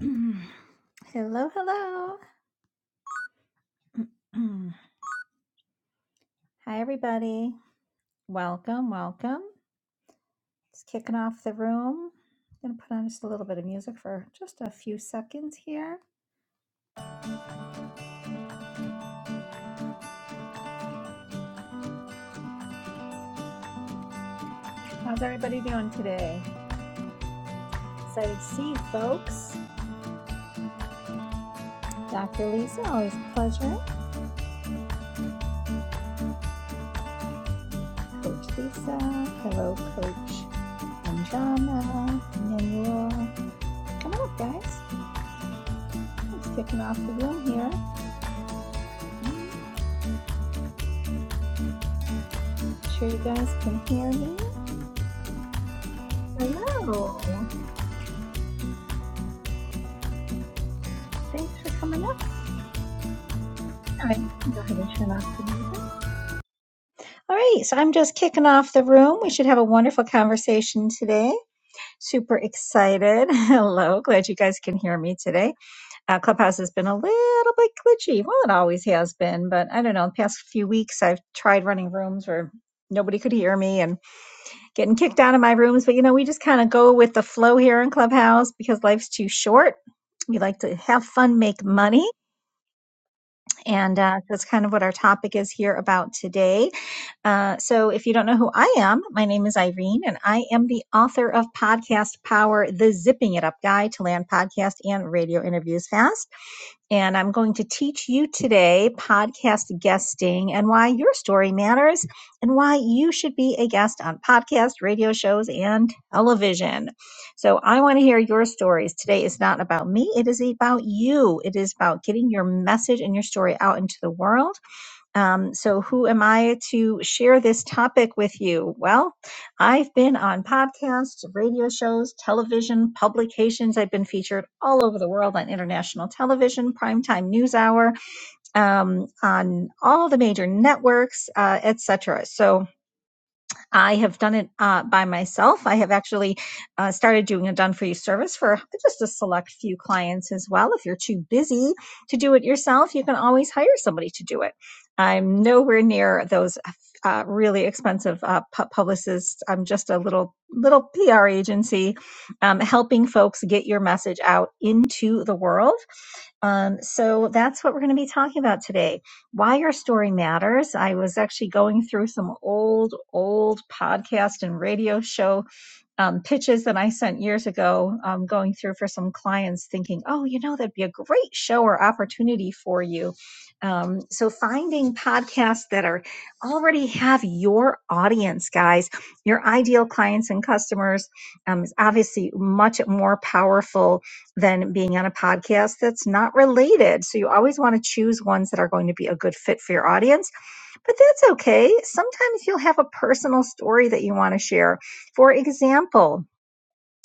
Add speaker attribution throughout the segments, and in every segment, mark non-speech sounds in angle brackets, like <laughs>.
Speaker 1: <clears throat> hello, hello. <clears throat> Hi, everybody. Welcome, welcome. Just kicking off the room. Gonna put on just a little bit of music for just a few seconds here. How's everybody doing today? Excited to see you folks. Dr. Lisa, always a pleasure. Coach Lisa. Hello, Coach Anjana. Manuel. Come on up, guys. It's kicking off the room here. I'm Sure you guys can hear me. Hello. Thanks for coming up. All right. go ahead and turn off the music. All right, so I'm just kicking off the room. We should have a wonderful conversation today. Super excited. <laughs> Hello, glad you guys can hear me today. Uh, Clubhouse has been a little bit glitchy. Well, it always has been, but I don't know. The past few weeks, I've tried running rooms where nobody could hear me and getting kicked out of my rooms. But you know, we just kind of go with the flow here in Clubhouse because life's too short. We like to have fun, make money. And uh, that's kind of what our topic is here about today. Uh, so, if you don't know who I am, my name is Irene, and I am the author of Podcast Power, the Zipping It Up Guide to Land Podcast and Radio Interviews Fast. And I'm going to teach you today podcast guesting and why your story matters and why you should be a guest on podcast, radio shows, and television. So I want to hear your stories. Today is not about me, it is about you. It is about getting your message and your story out into the world um, so, who am I to share this topic with you? Well, I've been on podcasts, radio shows, television, publications. I've been featured all over the world on international television, primetime news hour, um, on all the major networks, uh, etc. So, I have done it uh, by myself. I have actually uh, started doing a done for you service for just a select few clients as well. If you're too busy to do it yourself, you can always hire somebody to do it. I'm nowhere near those uh, really expensive uh, pu- publicists. I'm just a little little PR agency um, helping folks get your message out into the world. Um, so that's what we're going to be talking about today why your story matters. I was actually going through some old, old podcast and radio show um, pitches that I sent years ago, um, going through for some clients, thinking, oh, you know, that'd be a great show or opportunity for you. Um, so finding podcasts that are already have your audience, guys, your ideal clients and customers, um, is obviously much more powerful than being on a podcast that's not related. So you always want to choose ones that are going to be a good fit for your audience but that's okay. Sometimes you'll have a personal story that you want to share. For example,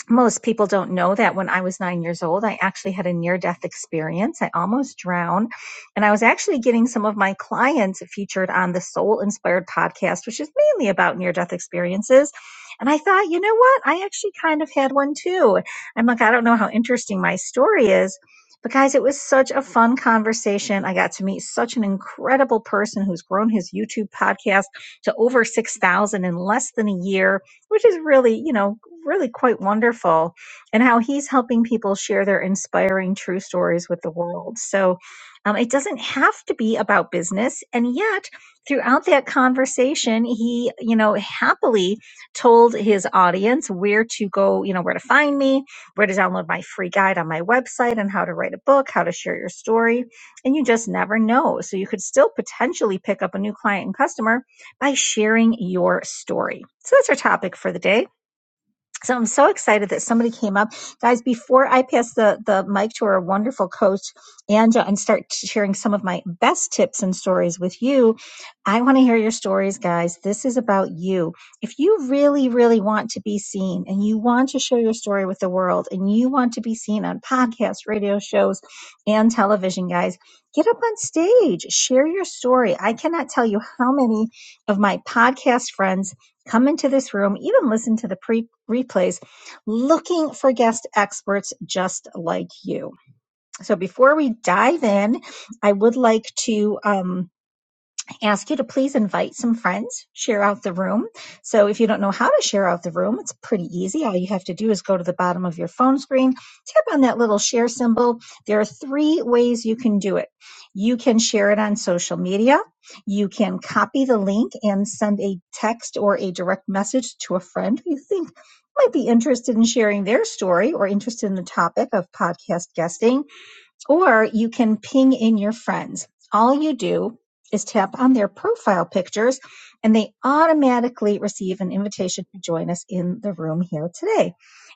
Speaker 1: most people don't know that when I was nine years old, I actually had a near death experience. I almost drowned. And I was actually getting some of my clients featured on the Soul Inspired podcast, which is mainly about near death experiences. And I thought, you know what? I actually kind of had one too. I'm like, I don't know how interesting my story is. But guys, it was such a fun conversation. I got to meet such an incredible person who's grown his YouTube podcast to over 6,000 in less than a year which is really, you know, really quite wonderful, and how he's helping people share their inspiring true stories with the world. So um, it doesn't have to be about business. And yet, throughout that conversation, he, you know, happily told his audience where to go, you know, where to find me, where to download my free guide on my website on how to write a book, how to share your story. And you just never know. So you could still potentially pick up a new client and customer by sharing your story. So that's our topic for the day. So I'm so excited that somebody came up. Guys, before I pass the, the mic to our wonderful coach, Anja, and start sharing some of my best tips and stories with you, I want to hear your stories, guys. This is about you. If you really, really want to be seen and you want to share your story with the world and you want to be seen on podcasts, radio shows, and television, guys, get up on stage, share your story. I cannot tell you how many of my podcast friends come into this room, even listen to the pre replays, looking for guest experts just like you. So before we dive in, I would like to. Um, ask you to please invite some friends, share out the room. So if you don't know how to share out the room, it's pretty easy. All you have to do is go to the bottom of your phone screen, tap on that little share symbol. There are three ways you can do it. You can share it on social media. You can copy the link and send a text or a direct message to a friend who you think might be interested in sharing their story or interested in the topic of podcast guesting or you can ping in your friends. All you do is tap on their profile pictures and they automatically receive an invitation to join us in the room here today.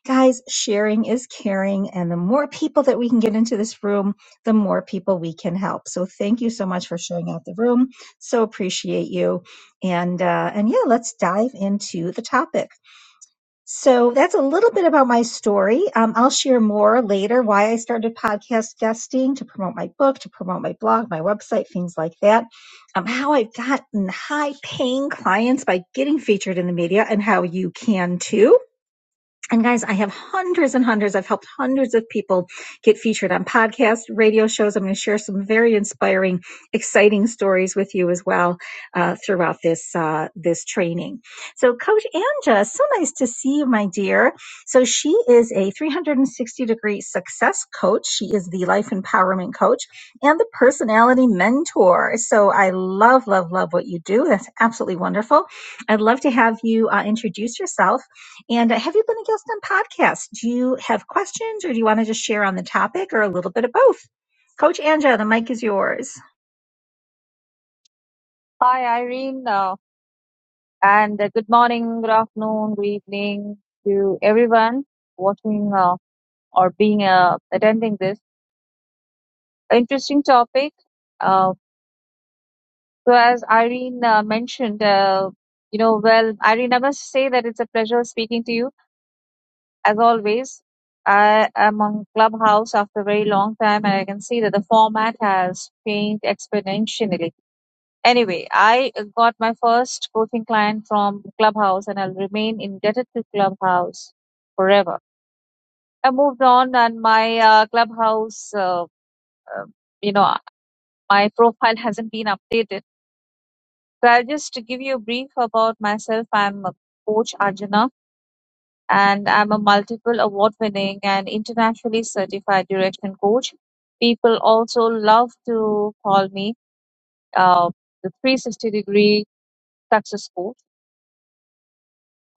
Speaker 1: Guys, sharing is caring, and the more people that we can get into this room, the more people we can help. So, thank you so much for showing out the room. So appreciate you, and uh, and yeah, let's dive into the topic. So that's a little bit about my story. Um, I'll share more later why I started podcast guesting to promote my book, to promote my blog, my website, things like that. Um, how I've gotten high paying clients by getting featured in the media and how you can too. And guys, I have hundreds and hundreds. I've helped hundreds of people get featured on podcasts, radio shows. I'm going to share some very inspiring, exciting stories with you as well uh, throughout this uh, this training. So, Coach Anja, so nice to see you, my dear. So, she is a 360 degree success coach. She is the life empowerment coach and the personality mentor. So, I love, love, love what you do. That's absolutely wonderful. I'd love to have you uh, introduce yourself and uh, have you been a guest on podcasts? Do you have questions or do you want to just share on the topic or a little bit of both? Coach Anja, the mic is yours.
Speaker 2: Hi, Irene, uh, and uh, good morning, good afternoon, good evening to everyone watching uh, or being uh, attending this interesting topic. Uh, so, as Irene uh, mentioned, uh, you know, well, Irene, I must say that it's a pleasure speaking to you as always. I am on Clubhouse after a very long time, and I can see that the format has changed exponentially Anyway, I uh, got my first coaching client from Clubhouse, and I'll remain indebted to Clubhouse forever. I moved on, and my uh, Clubhouse, uh, uh, you know, my profile <laughs> hasn't been updated. So I'll just give you a brief about myself. I'm a coach Arjuna, and I'm a multiple award-winning and internationally certified direction coach. People also love to call me uh, the 360 degree success coach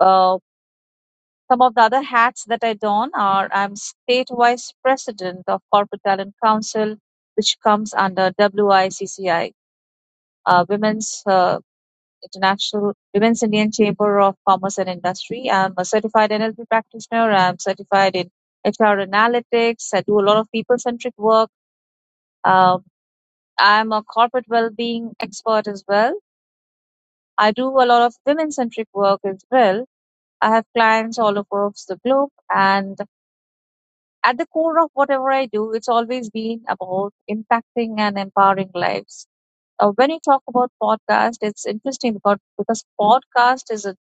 Speaker 2: Uh, Some of the other hats that I don are I'm state vice president of Corporate Talent Council, which comes under WICCI, uh, Women's uh, International Women's Indian Chamber of Commerce and Industry. I'm a certified NLP practitioner. I'm certified in HR analytics. I do a lot of people-centric work. Um, I'm a corporate well-being expert as well. I do a lot of women-centric work as well. I have clients all across the globe, and At the core of whatever I do, it's always been about impacting and empowering lives. Uh, when you talk about podcast, it's interesting about because podcast is a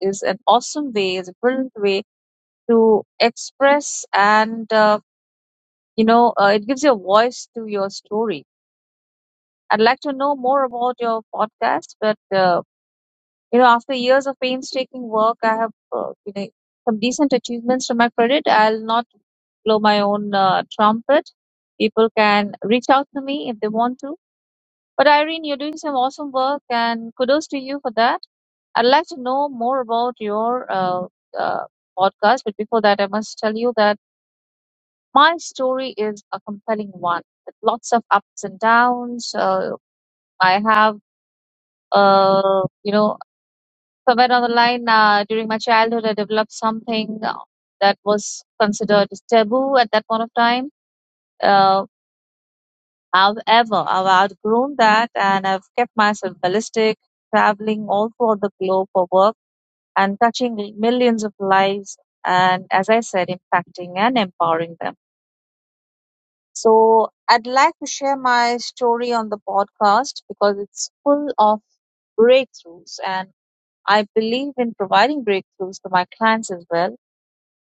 Speaker 2: is an awesome way, is a brilliant way to express and uh, you know uh, it gives you a voice to your story. I'd like to know more about your podcast, but. Uh, You know, after years of painstaking work, I have uh, you know, some decent achievements to my credit. I'll not blow my own uh, trumpet. People can reach out to me if they want to. But Irene, you're doing some awesome work, and kudos to you for that. I'd like to know more about your uh, uh, podcast, but before that, I must tell you that my story is a compelling one with lots of ups and downs. Uh, I have, uh, you know, somewhere on the line uh, during my childhood i developed something uh, that was considered taboo at that point of time uh, however i've outgrown that and i've kept myself ballistic traveling all over the globe for work and touching millions of lives and as i said impacting and empowering them so i'd like to share my story on the podcast because it's full of breakthroughs and i believe in providing breakthroughs to my clients as well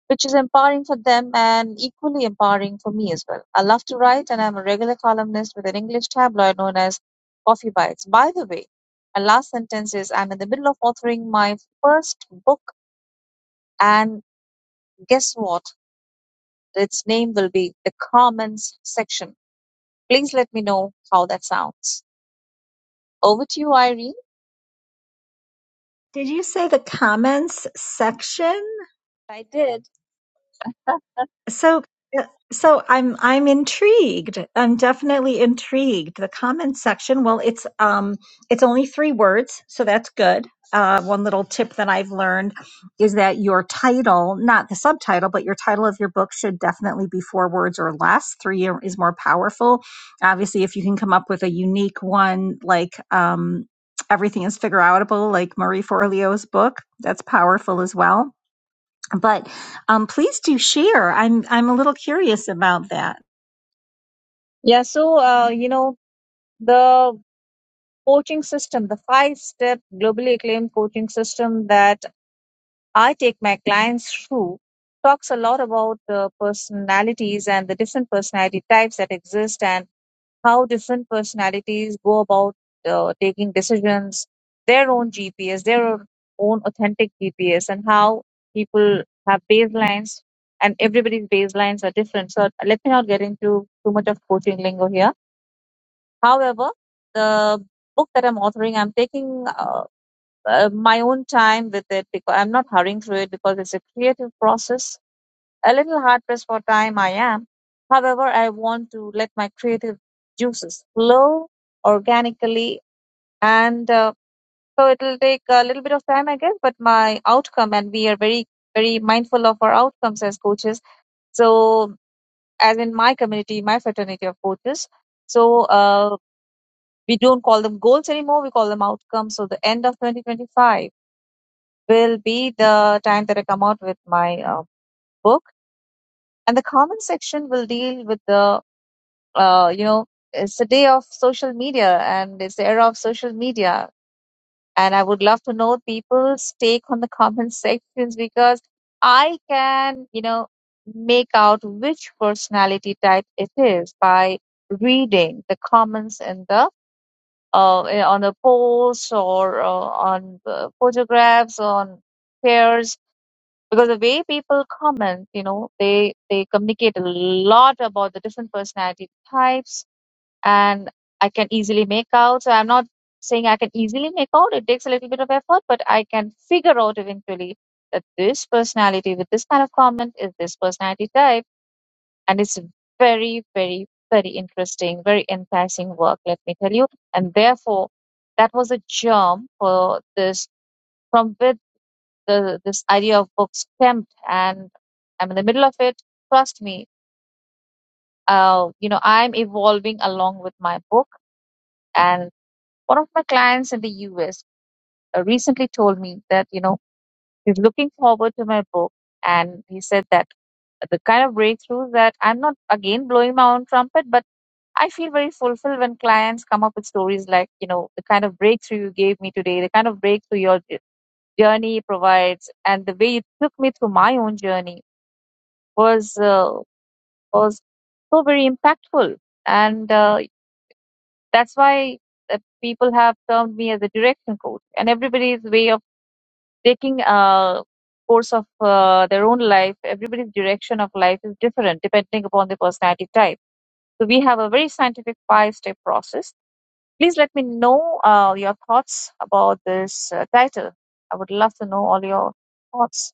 Speaker 2: which is empowering for them and equally empowering for me as well. I love to write, and I'm a regular columnist with an English tabloid known as Coffee Bites. By the way, my last sentence is I'm in the middle of authoring my first book, and guess what? Its name will be The Comments Section. Please let me know how that sounds. Over to you, Irene.
Speaker 1: Did you say the comments section?
Speaker 2: I did.
Speaker 1: So uh, so I'm I'm intrigued. I'm definitely intrigued. The comment section, well, it's um it's only three words, so that's good. Uh, one little tip that I've learned is that your title, not the subtitle, but your title of your book should definitely be four words or less. Three are- is more powerful. Obviously, if you can come up with a unique one, like um, everything is figure outable, like Marie Forleo's book, that's powerful as well but um, please do share. I'm I'm a little curious about that.
Speaker 2: Yeah, so, uh, you know, the coaching system, the five step globally acclaimed coaching system that I take my clients through talks a lot about the personalities and the different personality types that exist and how different personalities go about uh, taking decisions, their own GPS, their own authentic GPS, and how people have baselines and everybody's baselines are different. So let me not get into too much of coaching lingo here. However, the book that I'm authoring, I'm taking uh, uh, my own time with it because I'm not hurrying through it because it's a creative process. A little hard pressed for time, I am. However, I want to let my creative juices flow organically, and uh, so it'll take a little bit of time, I guess. But my outcome, and we are very, very mindful of our outcomes as coaches. So, as in my community, my fraternity of coaches, so uh, we don't call them goals anymore; we call them outcomes. So, the end of 2025. will be the time that I come out with my uh, book. And the comment section will deal with the, uh, you know, it's the day of social media and it's the era of social media. And I would love to know people's take on the comment <laughs> sections because I can, you know, make out which personality type it is by reading the comments in the uh, on a post or uh, on the photographs on pairs because the way people comment you know they they communicate a lot about the different personality types and i can easily make out so i'm not saying i can easily make out it takes a little bit of effort but i can figure out eventually that this personality with this kind of comment is this personality type and it's very very very interesting very enticing work let me tell you and therefore that was a germ for this from the, this idea of books tempt and I'm in the middle of it. Trust me, uh, you know, I'm evolving along with my book. And one of my clients in the US uh, recently told me that, you know, he's looking forward to my book. And he said that the kind of breakthrough that I'm not again blowing my own trumpet, but I feel very fulfilled when clients come up with stories like, you know, the kind of breakthrough you gave me today, the kind of breakthrough your journey provides, and the way you took me through my own journey was uh, was so very impactful, and uh, that's why uh, people have termed me as a direction coach. And everybody's way of taking a course of uh, their own life, everybody's direction of life is different depending upon the personality type. So we have a very scientific five-step process. Please let me know uh, your thoughts about this uh, title. I would love to know all your thoughts.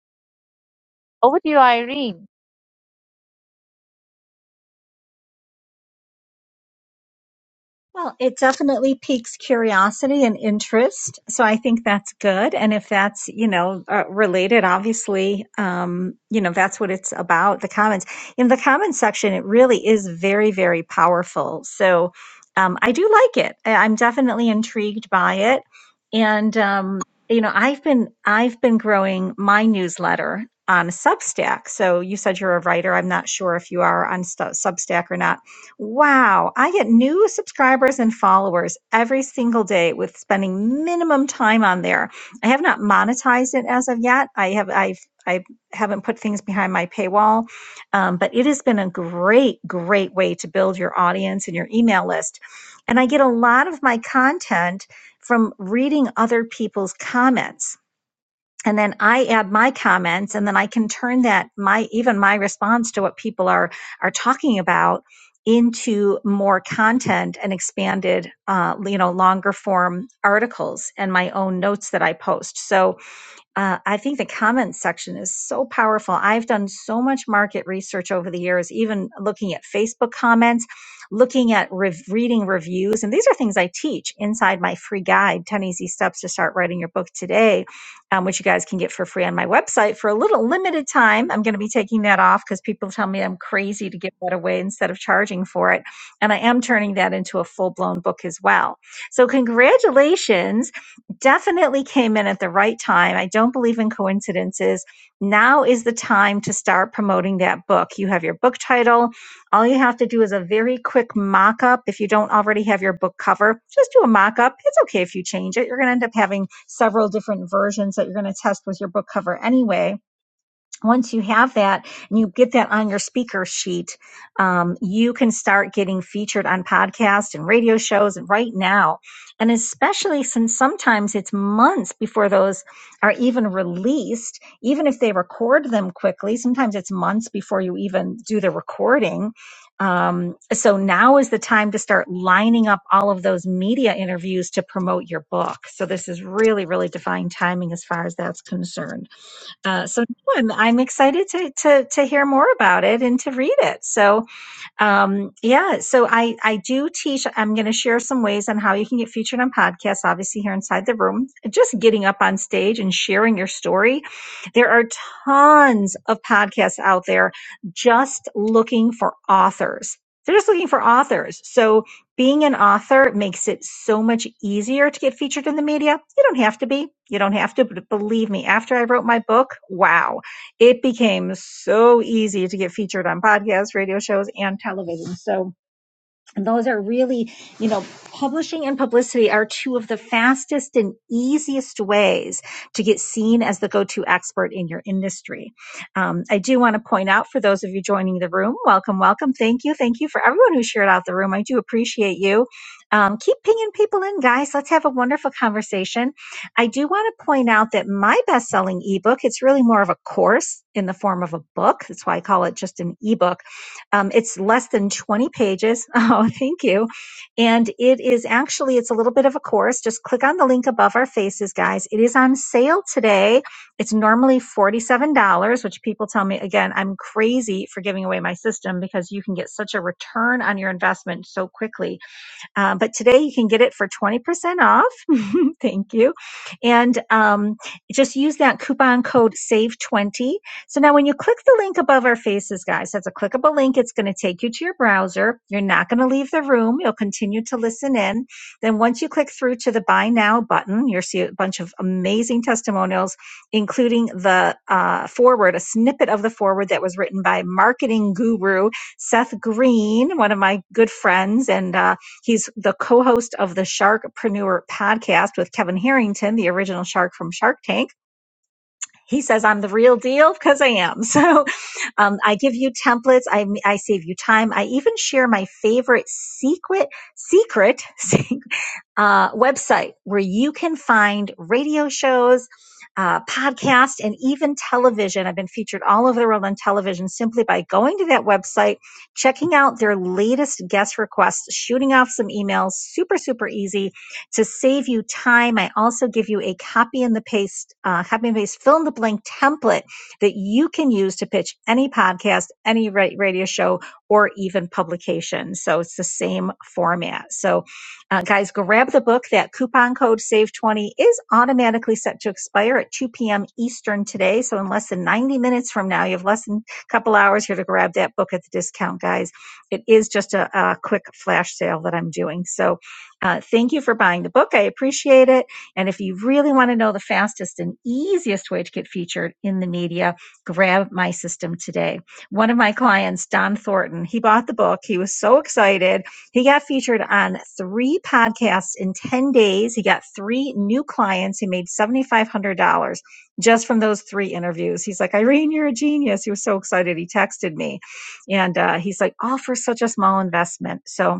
Speaker 2: Over to you, Irene.
Speaker 1: Well, it definitely piques curiosity and interest. So I think that's good. And if that's, you know, uh, related, obviously, um, you know, that's what it's about the comments. In the comments section, it really is very, very powerful. So um, I do like it. I- I'm definitely intrigued by it. And, um, you know, I've been, I've been growing my newsletter on Substack. So you said you're a writer. I'm not sure if you are on Stu- Substack or not Wow, I get new subscribers and followers every single day with spending minimum time on there. I have not monetized it as of yet. I have I've I haven't put things behind my paywall, um, but it has been a great, great way to build your audience and your email list. And I get a lot of my content from reading other people's comments and then I add my comments and then I can turn that my even my response to what people are are talking about into more content and expanded uh, you know longer form articles and my own notes that I post. So uh, I think the comments section is so powerful. I've done so much market research over the years, even looking at Facebook comments, looking at rev- reading reviews. And these are things I teach inside my free guide 10 Easy Steps to Start Writing Your Book Today, um, which you guys can get for free on my website for a little limited time. I'm going to be taking that off because people tell me I'm crazy to give that away instead of charging for it. And I am turning that into a full blown book as well. So, congratulations definitely came in at the right time. I don't believe in coincidences. Now is the time to start promoting that book. You have your book title. All you have to do is a very quick mock up. If you don't already have your book cover, just do a mock up. It's okay if you change it. You're going to end up having several different versions that you're going to test with your book cover anyway once you have that and you get that on your speaker sheet, um, you can start getting featured on podcasts and radio shows right now. And especially since sometimes it's months before those are even released, even if they record them quickly, sometimes it's months before you even do the recording. Um, so now is the time to start lining up all of those media interviews to promote your book. So this is really, really divine timing as far as that's concerned. Uh, so no, I'm I'm excited to to to hear more about it and to read it. So um, yeah, so I, I do teach. I'm going to share some ways on how you can get featured on podcasts, obviously, here inside the room. Just getting up on stage and sharing your story. There are tons of podcasts out there just looking for authors. They're just looking for authors. So being an author makes it so much easier to get featured in the media. You don't have to be. You don't have to, but believe me, after I wrote my book, wow it became so easy to get featured on podcasts, radio shows, and television. So and those are really, you know, publishing and publicity are two of the fastest and easiest ways to get seen as the go to expert in your industry. Um, I do want to point out for those of you joining the room, welcome, welcome. Thank you. Thank you for everyone who shared out the room. I do appreciate you. Um, keep pinging people in, guys. Let's have a wonderful conversation. I do want to point out that my best selling ebook, it's really more of a course in the form of a book. That's why I call it just an ebook um, it's less than 20 pages. <laughs> Oh, thank you. And it is actually, it's a little bit of a course. Just click on the link above our faces, guys. It is on sale today. It's normally $47, which people tell me, again, I'm crazy for giving away my system because you can get such a return on your investment so quickly uh, but today you can get it for 20% off. <laughs> Thank you. And um, just use that coupon code SAVE20. So now when you click the link above our faces, guys, that's a clickable link. It's going to take you to your browser. You're not going to leave the room. You'll continue to listen in. Then once you click through to the buy now button, you'll see a bunch of amazing testimonials, including the uh, forward, a snippet of the forward that was written by marketing guru Seth Green, one of my good friends and uh, He's the co-host of the Sharkpreneur podcast with Kevin Harrington, the original shark from Shark Tank. He says I'm the real deal because I am. <laughs> So um, I give you templates. I I save you time. I even share my favorite secret secret <laughs> uh, website where you can find radio shows, uh, podcasts, and even television. I've been featured all over the world on television simply by going to that website, checking out their latest guest requests, shooting off some emails. Super, super easy to save you time. I also give you a copy and the paste, uh, copy and paste, fill in the blank template that you can use to pitch any podcast, any radio show, or even publication. So it's the same format. So uh, guys, grab the book. That coupon code SAVE20 is automatically set to expire at 2 p.m. Eastern today. So in less than 90 minutes from now, you have less than a couple hours here to grab that book at the discount, guys. It is just a, a quick flash sale that I'm doing. So uh, thank you for buying the book. I appreciate it. And if you really want to know the fastest and easiest way to get featured in the media, grab my system today. One of my clients, Don Thornton, he bought the book. He was so excited he got featured on three podcasts in 10 days. He got three new clients. He made $7,500 just from those three interviews. He's like, Irene, you're a genius. He was so excited. He texted me and uh, he's like, all for such a small investment. So,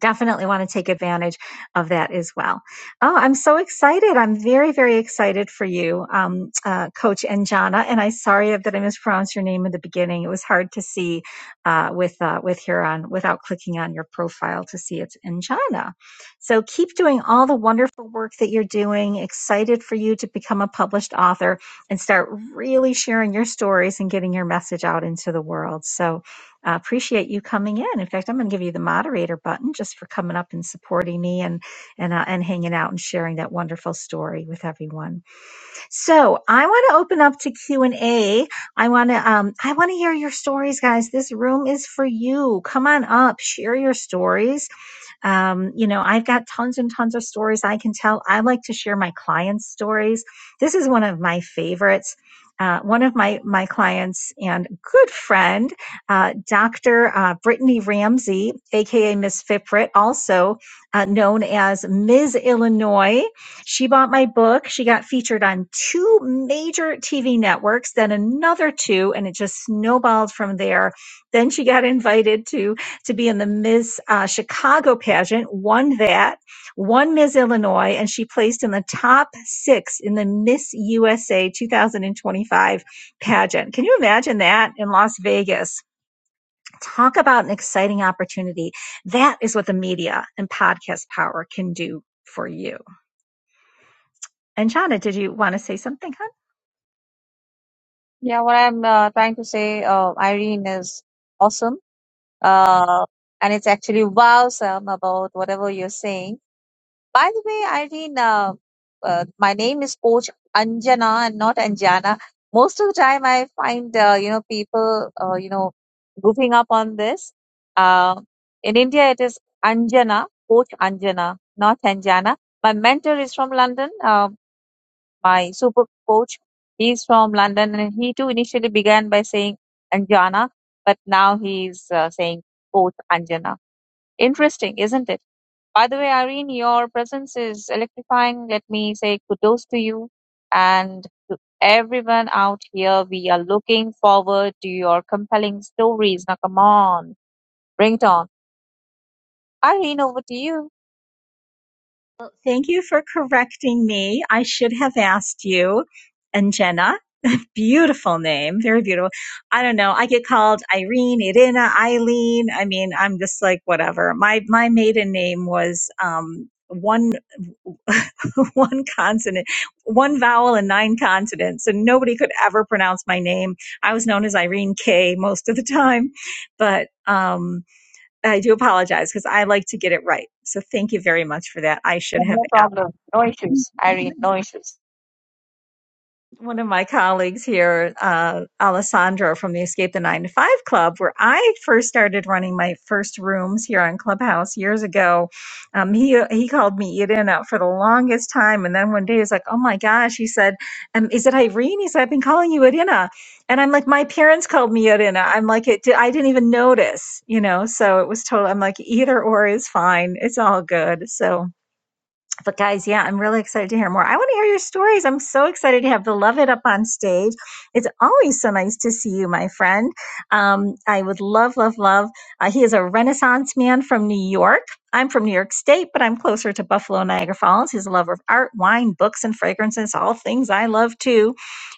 Speaker 1: definitely want to take advantage of that as well. Oh, I'm so excited. I'm very, very excited for you, um, uh, Coach Anjana. And I'm sorry that I mispronounced your name in the beginning. It was hard to see uh, with uh, with Huron without clicking on your profile to see it's Anjana. So keep doing all the wonderful work that you're doing. Excited for you to become a published author and start really sharing your stories and getting your message out into the world. So I appreciate you coming in. In fact, I'm going to give you the moderator button just for coming up and supporting me and and uh, and hanging out and sharing that wonderful story with everyone. So I want to open up to Q and A. I want to um I want to hear your stories, guys. This room is for you. Come on up, share your stories um, you know, I've got tons and tons of stories I can tell. I like to share my clients' stories. This is one of my favorites. Uh, one of my my clients and good friend, uh, Dr. Uh, Brittany Ramsey, aka Miss Fiprit, also uh, known as Ms. Illinois. She bought my book. She got featured on two major TV networks, then another two, and it just snowballed from there. Then she got invited to to be in the Miss uh, Chicago pageant, won that, won Miss Illinois, and she placed in the top six in the Miss USA 2025 pageant. Can you imagine that in Las Vegas? Talk about an exciting opportunity. That is what the media and podcast power can do for you. And Shauna, did you want to say something, hon?
Speaker 2: Yeah, what I'm uh, trying to say, uh, Irene, is awesome Uh, and it's actually wow, Sam, about whatever you're saying. By the way, Irene, uh, uh, my name is Coach Anjana and not Anjana. Most of the time, I find uh, you know people uh, you know goofing up on this. Uh, in India, it is Anjana, Coach Anjana, not Anjana. My mentor is from London. Um, my super coach. He's from London, and he too initially began by saying Anjana, but now he's uh, saying both Anjana. Interesting, isn't it? By the way, Irene, your presence is electrifying. Let me say kudos to you and to everyone out here. We are looking forward to your compelling stories. Now, come on, bring it on. Irene, over to you.
Speaker 1: Well, thank you for correcting me. I should have asked you. And Jenna, beautiful name, very beautiful. I don't know. I get called Irene, Irina, Eileen. I mean, I'm just like whatever. My my maiden name was um, one. <laughs> one consonant, one vowel and nine consonants. So nobody could ever pronounce my name. I was known as Irene K most of the time, but um, I do apologize because I like to get it right. So thank you very much for that. I should have
Speaker 2: No
Speaker 1: asked.
Speaker 2: problem. No issues, Irene. No issues.
Speaker 1: one of my colleagues here, uh, Alessandro from the Escape the Nine to Five Club, where I first started running my first rooms here on Clubhouse years ago. Um, he he called me Irina for the longest time, and then one day he's like, "Oh my gosh," he said, um, "Is it Irene?" He said, "I've been calling you Irina," and I'm like, "My parents called me Irina." I'm like, "It di- I didn't even notice," you know. So it was total. I'm like, either or is fine. It's all good. So. But guys, yeah, I'm really excited to hear more. I want to hear your stories. I'm so excited to have Beloved up on stage. It's always so nice to see you, my friend. Um, I would love, love, love. Uh, he is a Renaissance man from New York. I'm from New York State, but I'm closer to Buffalo, Niagara Falls. He's a lover of art, wine, books, and fragrances, all things I love too.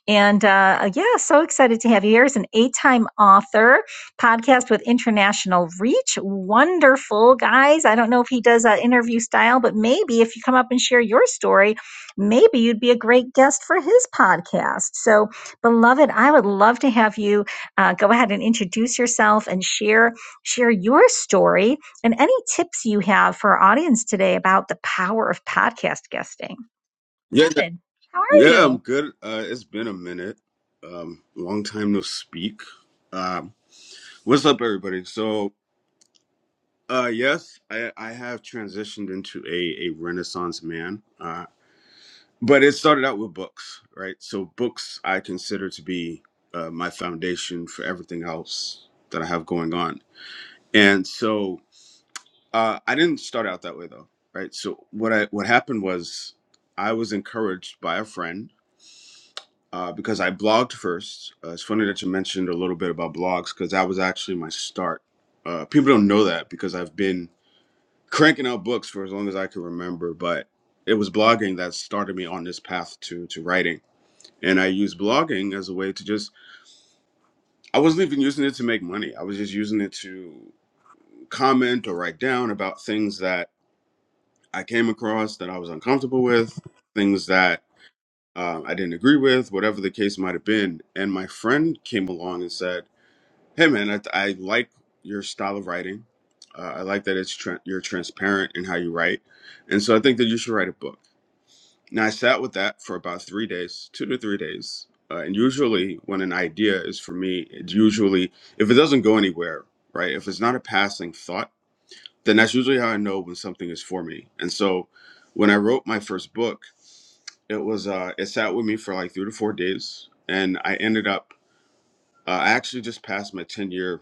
Speaker 1: And uh, yeah, so excited to have you here. He's an eight time author podcast with international reach. Wonderful, guys. I don't know if he does an interview style, but maybe if you come up and share your story, maybe you'd be a great guest for his podcast. So, beloved, I would love to have you uh, go ahead and introduce yourself and share share your story and any tips you have for our audience today about the power of podcast guesting.
Speaker 3: Yeah, yeah,
Speaker 1: Beloved, how are
Speaker 3: yeah,
Speaker 1: you?
Speaker 3: I'm good. Uh, it's been a minute. Um, long time no speak. Um, what's up, everybody? So, uh, yes, I, I have transitioned into a, a Renaissance man, uh, but it started out with books, right? So, books I consider to be uh, my foundation for everything else that I have going on. And so, uh, I didn't start out that way though, right? So, what I what happened was I was encouraged by a friend uh, because I blogged first. Uh, it's funny that you mentioned a little bit about blogs because that was actually my start. Uh, people don't know that because I've been cranking out books for as long as I can remember, but it was blogging that started me on this path to to writing. And I used blogging as a way to just I wasn't even using it to make money. I was just using it to comment or write down about things that I came across that I was uncomfortable with, things that um, I didn't agree with, whatever the case might have been. And my friend came along and said Hey man, I, I like your style of writing. Uh, I like that it's tra- you're transparent in how you write, and so I think that you should write a book. Now I sat with that for about three days, two to three days, uh, and usually when an idea is for me, it's usually if it doesn't go anywhere, right? If it's not a passing thought, then that's usually how I know when something is for me. And so when I wrote my first book, it was uh, it sat with me for like three to four days, and I ended up uh, I actually just passed my 10 year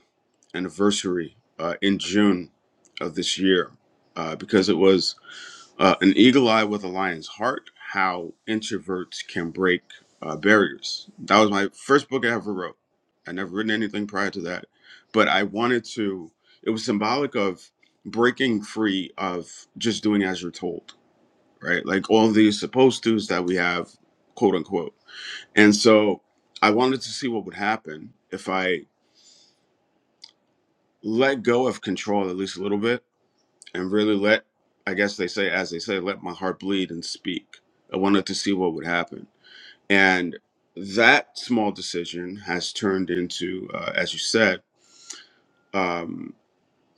Speaker 3: anniversary uh, in June of this year uh, because it was uh, an eagle eye with a lion's heart how introverts can break uh, barriers. That was my first book I ever wrote. I never written anything prior to that, but I wanted to, it was symbolic of breaking free of just doing as you're told, right? Like all these supposed to's that we have, quote unquote. And so I wanted to see what would happen if I let go of control at least a little bit and really let i guess they say as they say let my heart bleed and speak i wanted to see what would happen and that small decision has turned into uh, as you said um,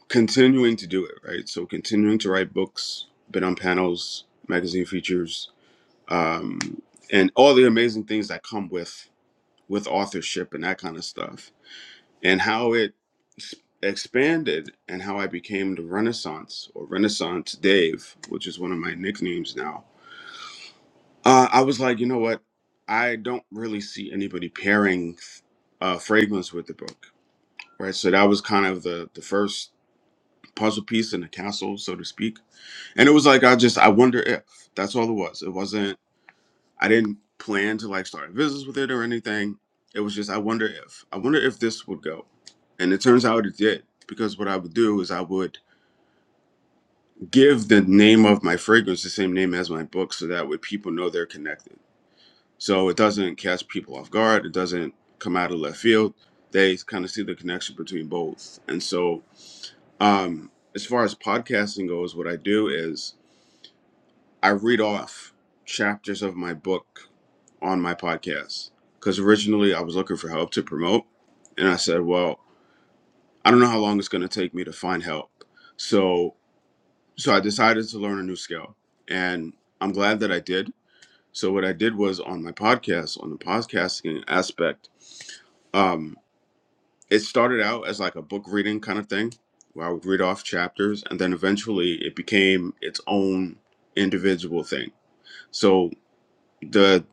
Speaker 3: continuing to do it right so continuing to write books been on panels magazine features um, and all the amazing things that come with with authorship and that kind of stuff and how it s- expanded and how I became the Renaissance or Renaissance Dave, which is one of my nicknames now. Uh, I was like, you know what? I don't really see anybody pairing uh, fragrance with the book, right? So that was kind of the the first puzzle piece in the castle, so to speak. And it was like I just I wonder if that's all it was. It wasn't. I didn't plan to like start a business with it or anything. It was just I wonder if I wonder if this would go. And it turns out it did because what I would do is I would give the name of my fragrance the same name as my book so that way people know they're connected. So it doesn't catch people off guard, it doesn't come out of left field. They kind of see the connection between both. And so um as far as podcasting goes, what I do is I read off chapters of my book on my podcast because originally I was looking for help to promote, and I said, "Well, I don't know how long it's going to take me to find help." So, so I decided to learn a new skill, and I'm glad that I did. So, what I did was on my podcast, on the podcasting aspect, um, it started out as like a book reading kind of thing, where I would read off chapters, and then eventually it became its own individual thing. So, the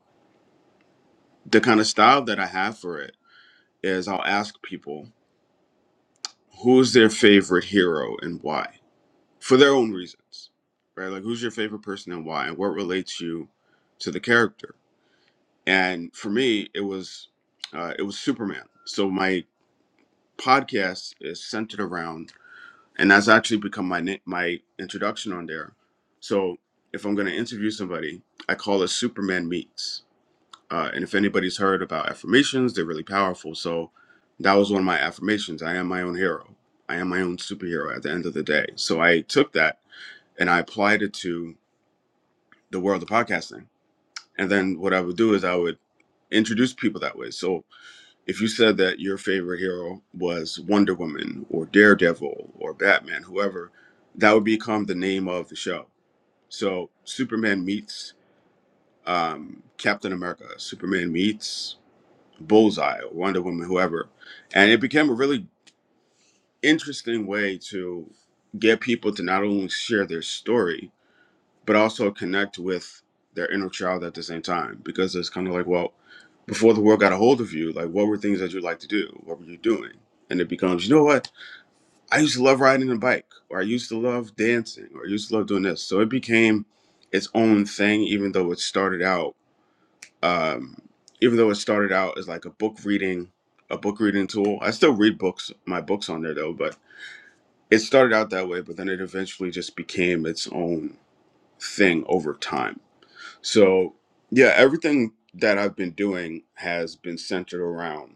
Speaker 3: the kind of style that I have for it is I'll ask people who's their favorite hero and why for their own reasons right like who's your favorite person and why and what relates you to the character and for me it was uh, it was superman so my podcast is centered around and that's actually become my na- my introduction on there so if i'm going to interview somebody i call it superman meets uh, and if anybody's heard about affirmations, they're really powerful. So that was one of my affirmations. I am my own hero. I am my own superhero at the end of the day. So I took that and I applied it to the world of podcasting. And then what I would do is I would introduce people that way. So if you said that your favorite hero was Wonder Woman or Daredevil or Batman, whoever, that would become the name of the show. So Superman meets um, Captain America. Superman meets Bullseye or Wonder Woman, whoever. And it became a really interesting way to get people to not only share their story, but also connect with their inner child at the same time. Because it's kind of like, well, before the world got a hold of you, like what were things that you like to do? What were you doing? And it becomes, you know what? I used to love riding a bike, or I used to love dancing, or I used to love doing this. So it became its own thing, even though it started out um, even though it started out as like a book reading a book reading tool i still read books my books on there though but it started out that way but then it eventually just became its own thing over time so yeah everything that i've been doing has been centered around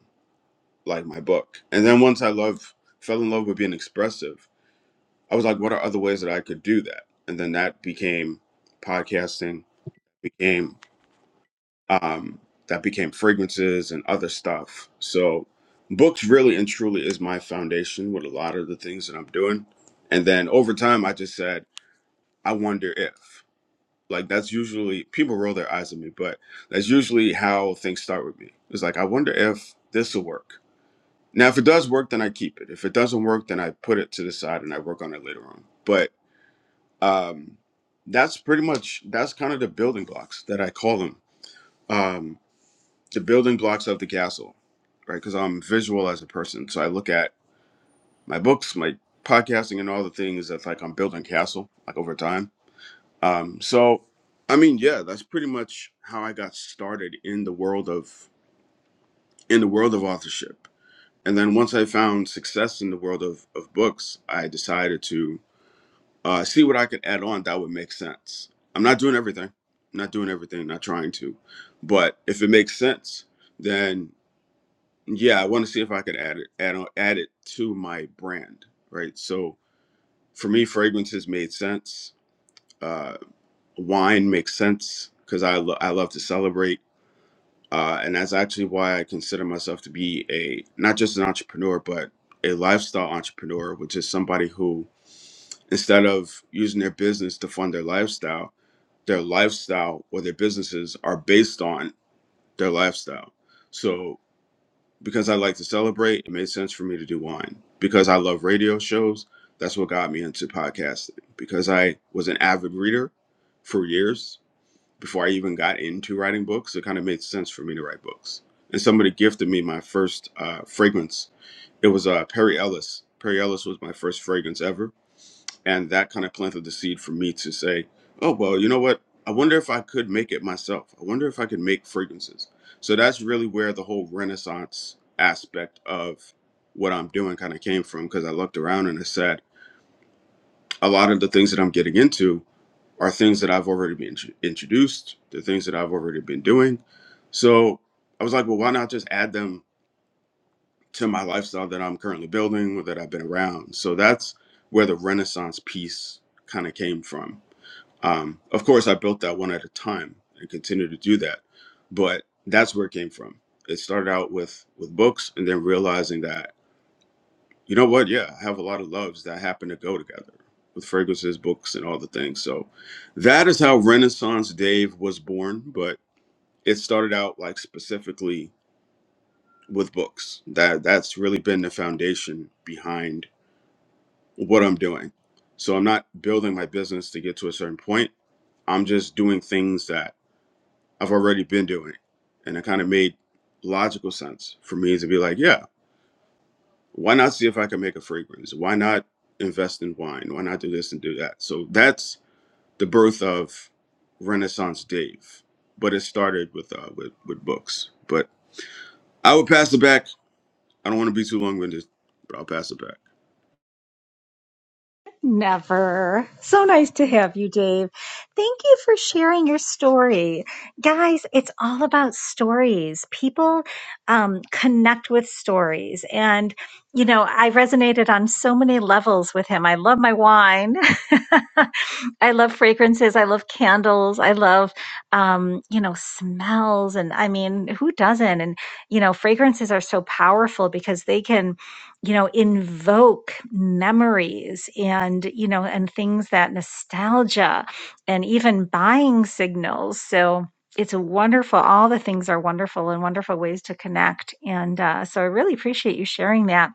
Speaker 3: like my book and then once i love fell in love with being expressive i was like what are other ways that i could do that and then that became podcasting Became um, that became fragrances and other stuff. So, books really and truly is my foundation with a lot of the things that I'm doing. And then over time, I just said, I wonder if. Like, that's usually, people roll their eyes at me, but that's usually how things start with me. It's like, I wonder if this will work. Now, if it does work, then I keep it. If it doesn't work, then I put it to the side and I work on it later on. But um, that's pretty much, that's kind of the building blocks that I call them. Um. the building blocks of the castle, right? Because I'm visual as a person, so I look at my books, my podcasting, and all the things that's like I'm building castle like over time. Um, so, I mean, yeah, that's pretty much how I got started in the world of in the world of authorship. And then once I found success in the world of of books, I decided to uh, see what I could add on that would make sense. I'm not doing everything, not doing everything, not trying to, but if it makes sense, then Yeah, I want to see if I could add it add on add it to my brand, right? So for me, fragrances made sense. Uh, wine makes sense because I lo- I love to celebrate, uh, and that's actually why I consider myself to be a not just an entrepreneur, but a lifestyle entrepreneur, which is somebody who instead of using their business to fund their lifestyle, their lifestyle or their businesses are based on their lifestyle. So, because I like to celebrate, it made sense for me to do wine. Because I love radio shows, that's what got me into podcasting. Because I was an avid reader for years before I even got into writing books, it kind of made sense for me to write books. And somebody gifted me my first uh, fragrance. It was uh, Perry Ellis. Perry Ellis was my first fragrance ever and that kind of planted the seed for me to say, oh well, you know what? I wonder if I could make it myself. I wonder if I could make fragrances. So that's really where the whole renaissance aspect of what I'm doing kind of came from because I looked around and I said a lot of the things that I'm getting into are things that I've already been intro- introduced, the things that I've already been doing. So I was like, well, why not just add them to my lifestyle that I'm currently building or that I've been around? So that's where the Renaissance piece kind of came from. Um, of course, I built that one at a time and continue to do that, but that's where it came from. It started out with with books, and then realizing that you know what, yeah, I have a lot of loves that happen to go together with fragrances, books, and all the things. So that is how Renaissance Dave was born, but it started out like specifically with books. That that's really been the foundation behind what I'm doing. So I'm not building my business to get to a certain point. I'm just doing things that I've already been doing. And it kind of made logical sense for me to be like, yeah, why not see if I can make a fragrance? Why not invest in wine? Why not do this and do that? So that's the birth of Renaissance Dave. But it started with uh, with, with books. But I would pass it back. I don't want to be too long winded, but I'll pass it back.
Speaker 1: Never. So nice to have you, Dave. Thank you for sharing your story. Guys, it's all about stories. People um, connect with stories. And, you know, I resonated on so many levels with him. I love my wine. <laughs> I love fragrances. I love candles. I love, um, you know, smells. And I mean, who doesn't? And, you know, fragrances are so powerful because they can you know invoke memories and you know and things that nostalgia and even buying signals so it's a wonderful all the things are wonderful and wonderful ways to connect and uh, so i really appreciate you sharing that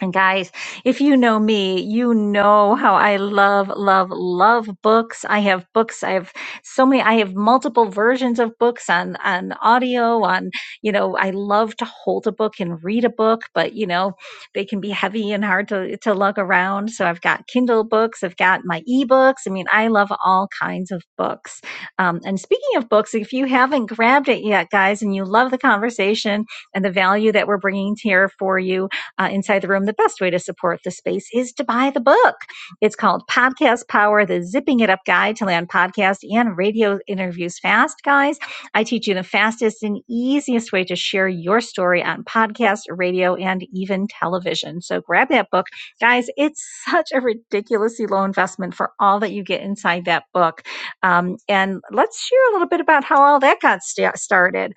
Speaker 1: and guys, if you know me, you know how I love, love, love books. I have books. I have so many. I have multiple versions of books on on audio. On you know, I love to hold a book and read a book, but you know, they can be heavy and hard to to lug around. So I've got Kindle books. I've got my eBooks. I mean, I love all kinds of books. Um, and speaking of books, if you haven't grabbed it yet, guys, and you love the conversation and the value that we're bringing here for you uh, inside the room, the best way to support the space is to buy the book. It's called Podcast Power, the Zipping It Up Guide to Land Podcast and Radio Interviews Fast, guys. I teach you the fastest and easiest way to share your story on podcast, radio, and even television. So grab that book. Guys, it's such a ridiculously low investment for all that you get inside that book. Um, and let's share a little bit about how all that got sta- started.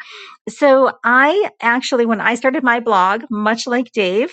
Speaker 1: So I actually, when I started my blog, much like Dave,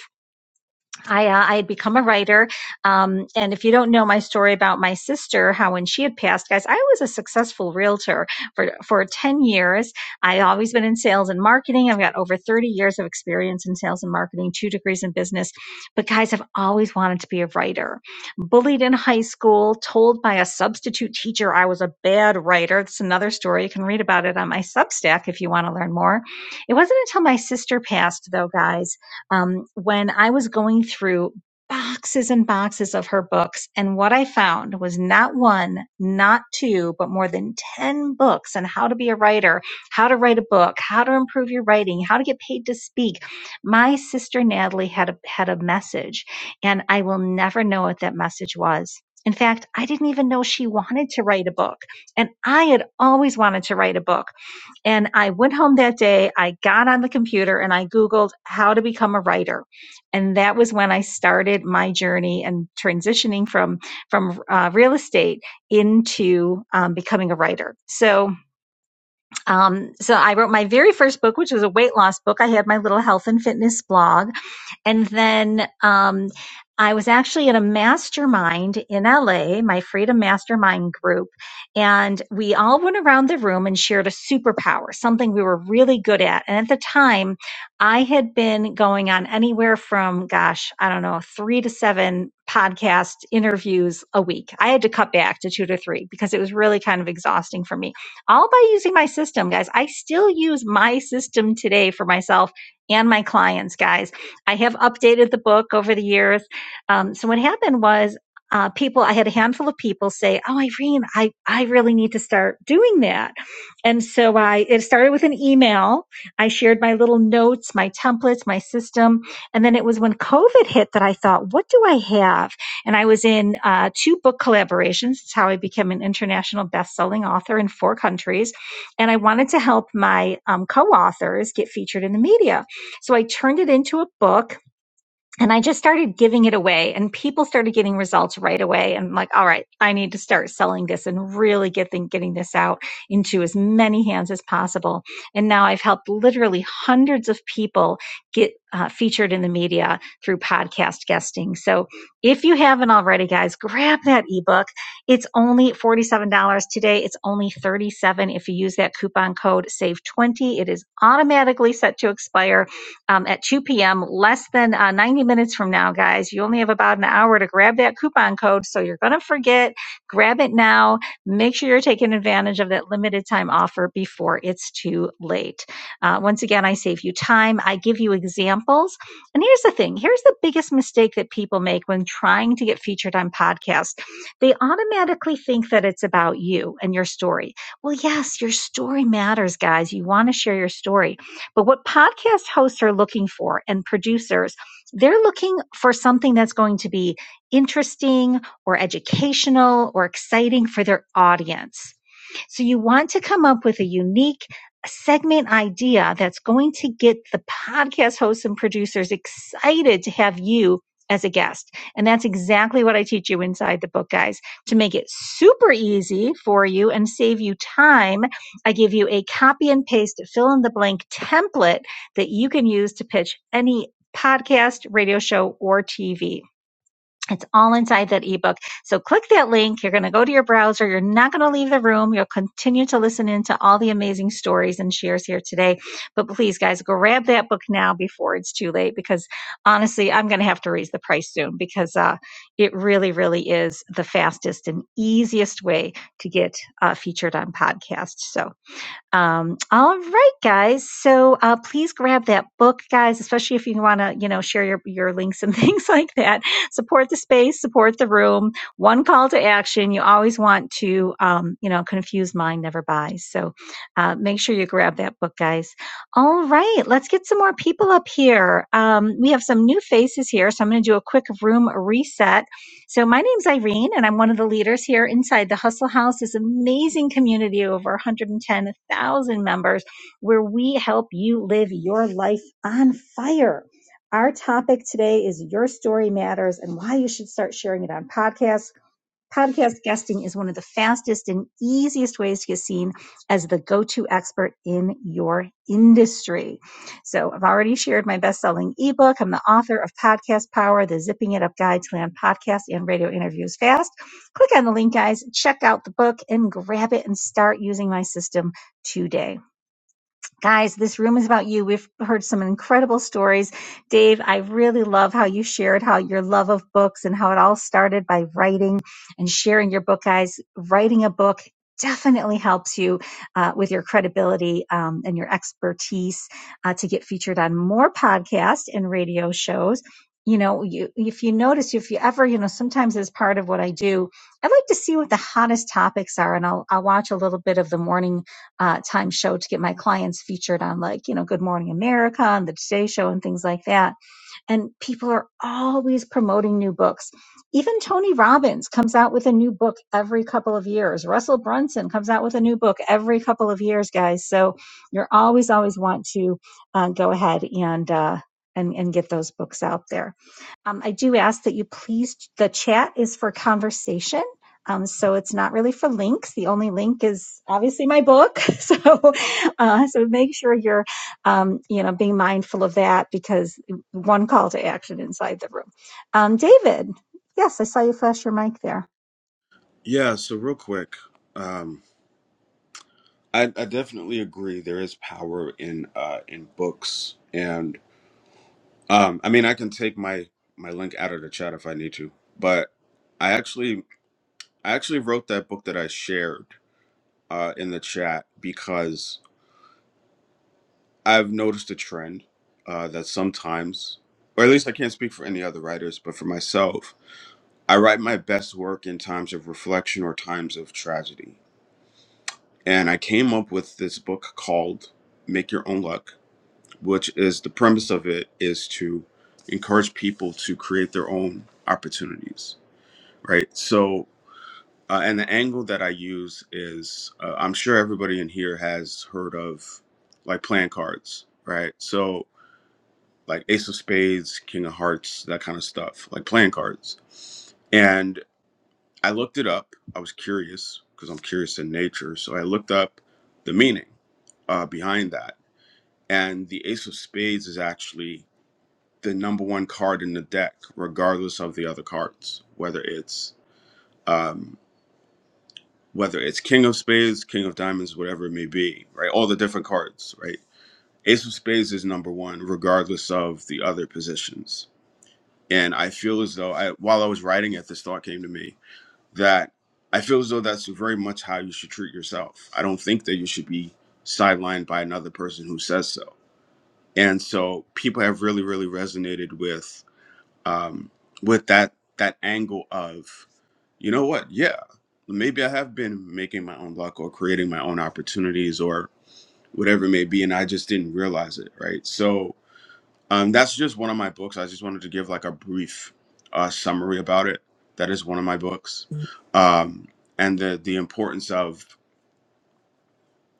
Speaker 1: I, uh, I had become a writer. Um, and if you don't know my story about my sister, how when she had passed, guys, I was a successful realtor for, for 10 years. I always been in sales and marketing. I've got over 30 years of experience in sales and marketing, two degrees in business. But guys, I've always wanted to be a writer. Bullied in high school, told by a substitute teacher I was a bad writer. That's another story. You can read about it on my Substack if you want to learn more. It wasn't until my sister passed, though, guys um, when I was going through boxes and boxes of her books. And what I found was not one, not two, but more than 10 books on how to be a writer, how to write a book, how to improve your writing, how to get paid to speak. My sister Natalie had a, had a message and I will never know what that message was. In fact, I didn't even know she wanted to write a book. And I had always wanted to write a book. And I went home that day, I got on the computer and I Googled how to become a writer. And that was when I started my journey and transitioning from, from uh, real estate into um, becoming a writer. So, um, so I wrote my very first book, which was a weight loss book. I had my little health and fitness blog and then um, I was actually in a mastermind in LA, my Freedom Mastermind group, and we all went around the room and shared a superpower, something we were really good at. And at the time, I had been going on anywhere from, gosh, I don't know, three to seven podcast interviews a week. I had to cut back to two to three because it was really kind of exhausting for me, all by using my system, guys. I still use my system today for myself and my clients, guys I have updated the book over the years. Um, so what happened was uh, people, I had a handful of people say, "Oh, Irene, I I really need to start doing that." And so I it started with an email. I shared my little notes, my templates, my system, and then it was when COVID hit that I thought, "What do I have?" And I was in uh, two book collaborations. It's how I became an international best-selling author in four countries, and I wanted to help my um, co-authors get featured in the media. So I turned it into a book and I just started giving it away and people started getting results right away. And I'm like, all right, I need to start selling this and really getting, getting this out into as many hands as possible. And now I've helped literally hundreds of people get uh, featured in the media through podcast guesting. So if you haven't already, guys, grab that ebook. It's only $47 today. It's only 37 dollars if you use that coupon code SAVE20. It is automatically set to expire um, at 2 p.m., less than uh, 90 minutes from now, guys. You only have about an hour to grab that coupon code, so you're going to forget. Grab it now. Make sure you're taking advantage of that limited time offer before it's too late. Uh, once again, I save you time, I give you examples. And here's the thing here's the biggest mistake that people make when trying to get featured on podcasts they automatically think that it's about you and your story. Well, yes, your story matters, guys. You want to share your story but what podcast hosts are looking for and producers, they're looking for something that's going to be interesting or educational or exciting for their audience. So you want to come up with a unique segment idea that's going to get the podcast hosts and producers excited to have you as a guest. And that's exactly what I teach you inside the book, guys. To make it super easy for you and save you time, I give you a copy and paste fill in the blank template that you can use to pitch any podcast, radio show, or TV. It's all inside that ebook. So click that link. You're going to go to your browser. You're not going to leave the room. You'll continue to listen into all the amazing stories and shares here today. But please, guys, grab that book now before it's too late because honestly, I'm going to have to raise the price soon because uh, it really, really is the fastest and easiest way to get uh, featured on podcasts. So um, all right, guys. So uh, please grab that book, guys, especially if you want to, you know, share your, your links and <laughs> things like that. Support the space, support the room. One call to action. You always want to, um, you know, confuse mind never buys. So uh, make sure you grab that book, guys. All right, let's get some more people up here. Um, we have some new faces here, so I'm going to do a quick room reset so my name's Irene, and I'm one of the leaders here inside the Hustle House, this amazing community of over 110,000 members, where we help you live your life on fire. Our topic today is Your Story Matters and why you should start sharing it on podcasts Podcast guesting is one of the fastest and easiest ways to get seen as the go to expert in your industry. So, I've already shared my best selling ebook. I'm the author of Podcast Power, the Zipping It Up Guide to Land Podcast and Radio Interviews Fast. Click on the link, guys, check out the book, and grab it and start using my system today. Guys, this room is about you. We've heard some incredible stories. Dave, I really love how you shared how your love of books and how it all started by writing and sharing your book, guys. Writing a book definitely helps you uh, with your credibility um, and your expertise uh, to get featured on more podcasts and radio shows. You know, you, if you notice, if you ever, you know, sometimes as part of what I do, I like to see what the hottest topics are, and I'll, I'll watch a little bit of the morning uh, time show to get my clients featured on like you know Good Morning America and the Today Show and things like that and people are always promoting new books. Even Tony Robbins comes out with a new book every couple of years. Russell Brunson comes out with a new book every couple of years, guys. So you're always, always want to uh, go ahead and uh, and and get those books out there. Um, I do ask that you please. The chat is for conversation. Um, so it's not really for links. The only link is obviously my book. <laughs> So, uh, so make sure you're, um, you know, being mindful of that because one call to action inside the room. Um, David, yes, I saw you flash your mic there.
Speaker 3: Yeah, so real quick, um, I, I definitely agree. There is power in uh, in books, and. Um, I mean, I can take my my link out of the chat if I need to, but I actually I actually wrote that book that I shared uh, in the chat because I've noticed a trend uh, that sometimes, or at least I can't speak for any other writers, but for myself, I write my best work in times of reflection or times of tragedy, and I came up with this book called "Make Your Own Luck," which is the premise of it is to encourage people to create their own opportunities right? So, uh, and the angle that I use is uh, I'm sure everybody in here has heard of like playing cards, right? So, like Ace of Spades, King of Hearts, that kind of stuff, like playing cards. And I looked it up. I was curious because I'm curious in nature. So, I looked up the meaning uh, behind that. And the Ace of Spades is actually the number one card in the deck, regardless of the other cards, whether it's. um, whether it's King of Spades, King of Diamonds, whatever it may be, right? All the different cards, right? Ace of Spades is number one, regardless of the other positions. And I feel as though, I, while I was writing it, this thought came to me that I feel as though that's very much how you should treat yourself. I don't think that you should be sidelined by another person who says so. And so people have really, really resonated with um, with that that angle of, you know what? Yeah, maybe I have been making my own luck or creating my own opportunities or whatever it may be, and I just didn't realize it. Right. So um, that's just one of my books. I just wanted to give like a brief uh, summary about it. That is one of my books, um, and the the importance of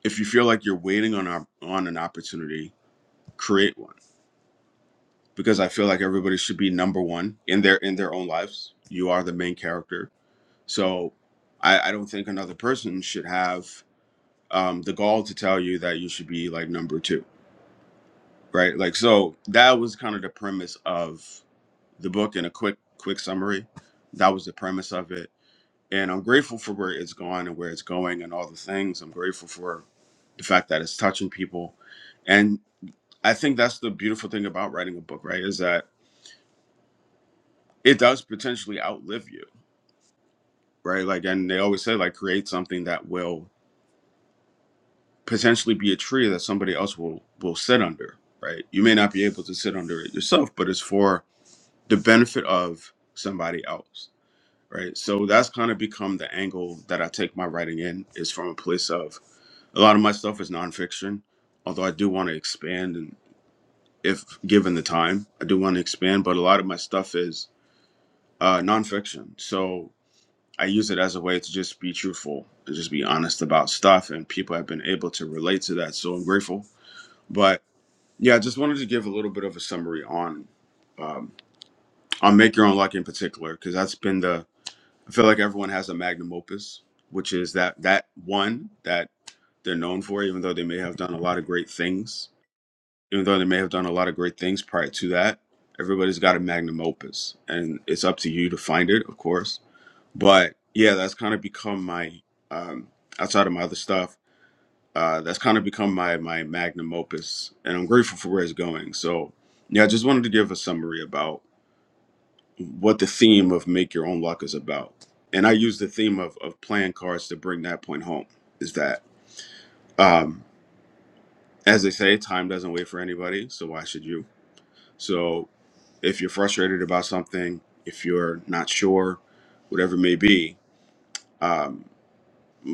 Speaker 3: if you feel like you're waiting on a, on an opportunity, create one because I feel like everybody should be number one in their in their own lives. You are the main character So I, I don't think another person should have um, the gall to tell you that you should be like number two, right? Like so that was kind of the premise of the book in a quick quick summary. That was the premise of it, and I'm grateful for where it's gone and where it's going and all the things. I'm grateful for the fact that it's touching people, and I think that's the beautiful thing about writing a book, right? Is that it does potentially outlive you, right? Like, and they always say like create something that will potentially be a tree that somebody else will will sit under right you may not be able to sit under it yourself but it's for the benefit of somebody else right so that's kind of become the angle that i take my writing in is from a place of a lot of my stuff is nonfiction although i do want to expand and if given the time i do want to expand but a lot of my stuff is uh, nonfiction so i use it as a way to just be truthful and just be honest about stuff and people have been able to relate to that so i'm grateful But Yeah, I just wanted to give a little bit of a summary on um, on Make Your Own Luck in particular, because that's been the I feel like everyone has a magnum opus, which is that that one that they're known for, even though they may have done a lot of great things, even though they may have done a lot of great things prior to that. Everybody's got a magnum opus, and it's up to you to find it, of course. But yeah, that's kind of become my um, outside of my other stuff uh, that's kind of become my my magnum opus, and I'm grateful for where it's going. So, yeah, I just wanted to give a summary about what the theme of "Make Your Own Luck" is about, and I use the theme of of playing cards to bring that point home. Is that, um, as they say, time doesn't wait for anybody, so why should you? So, if you're frustrated about something, if you're not sure, whatever it may be, um,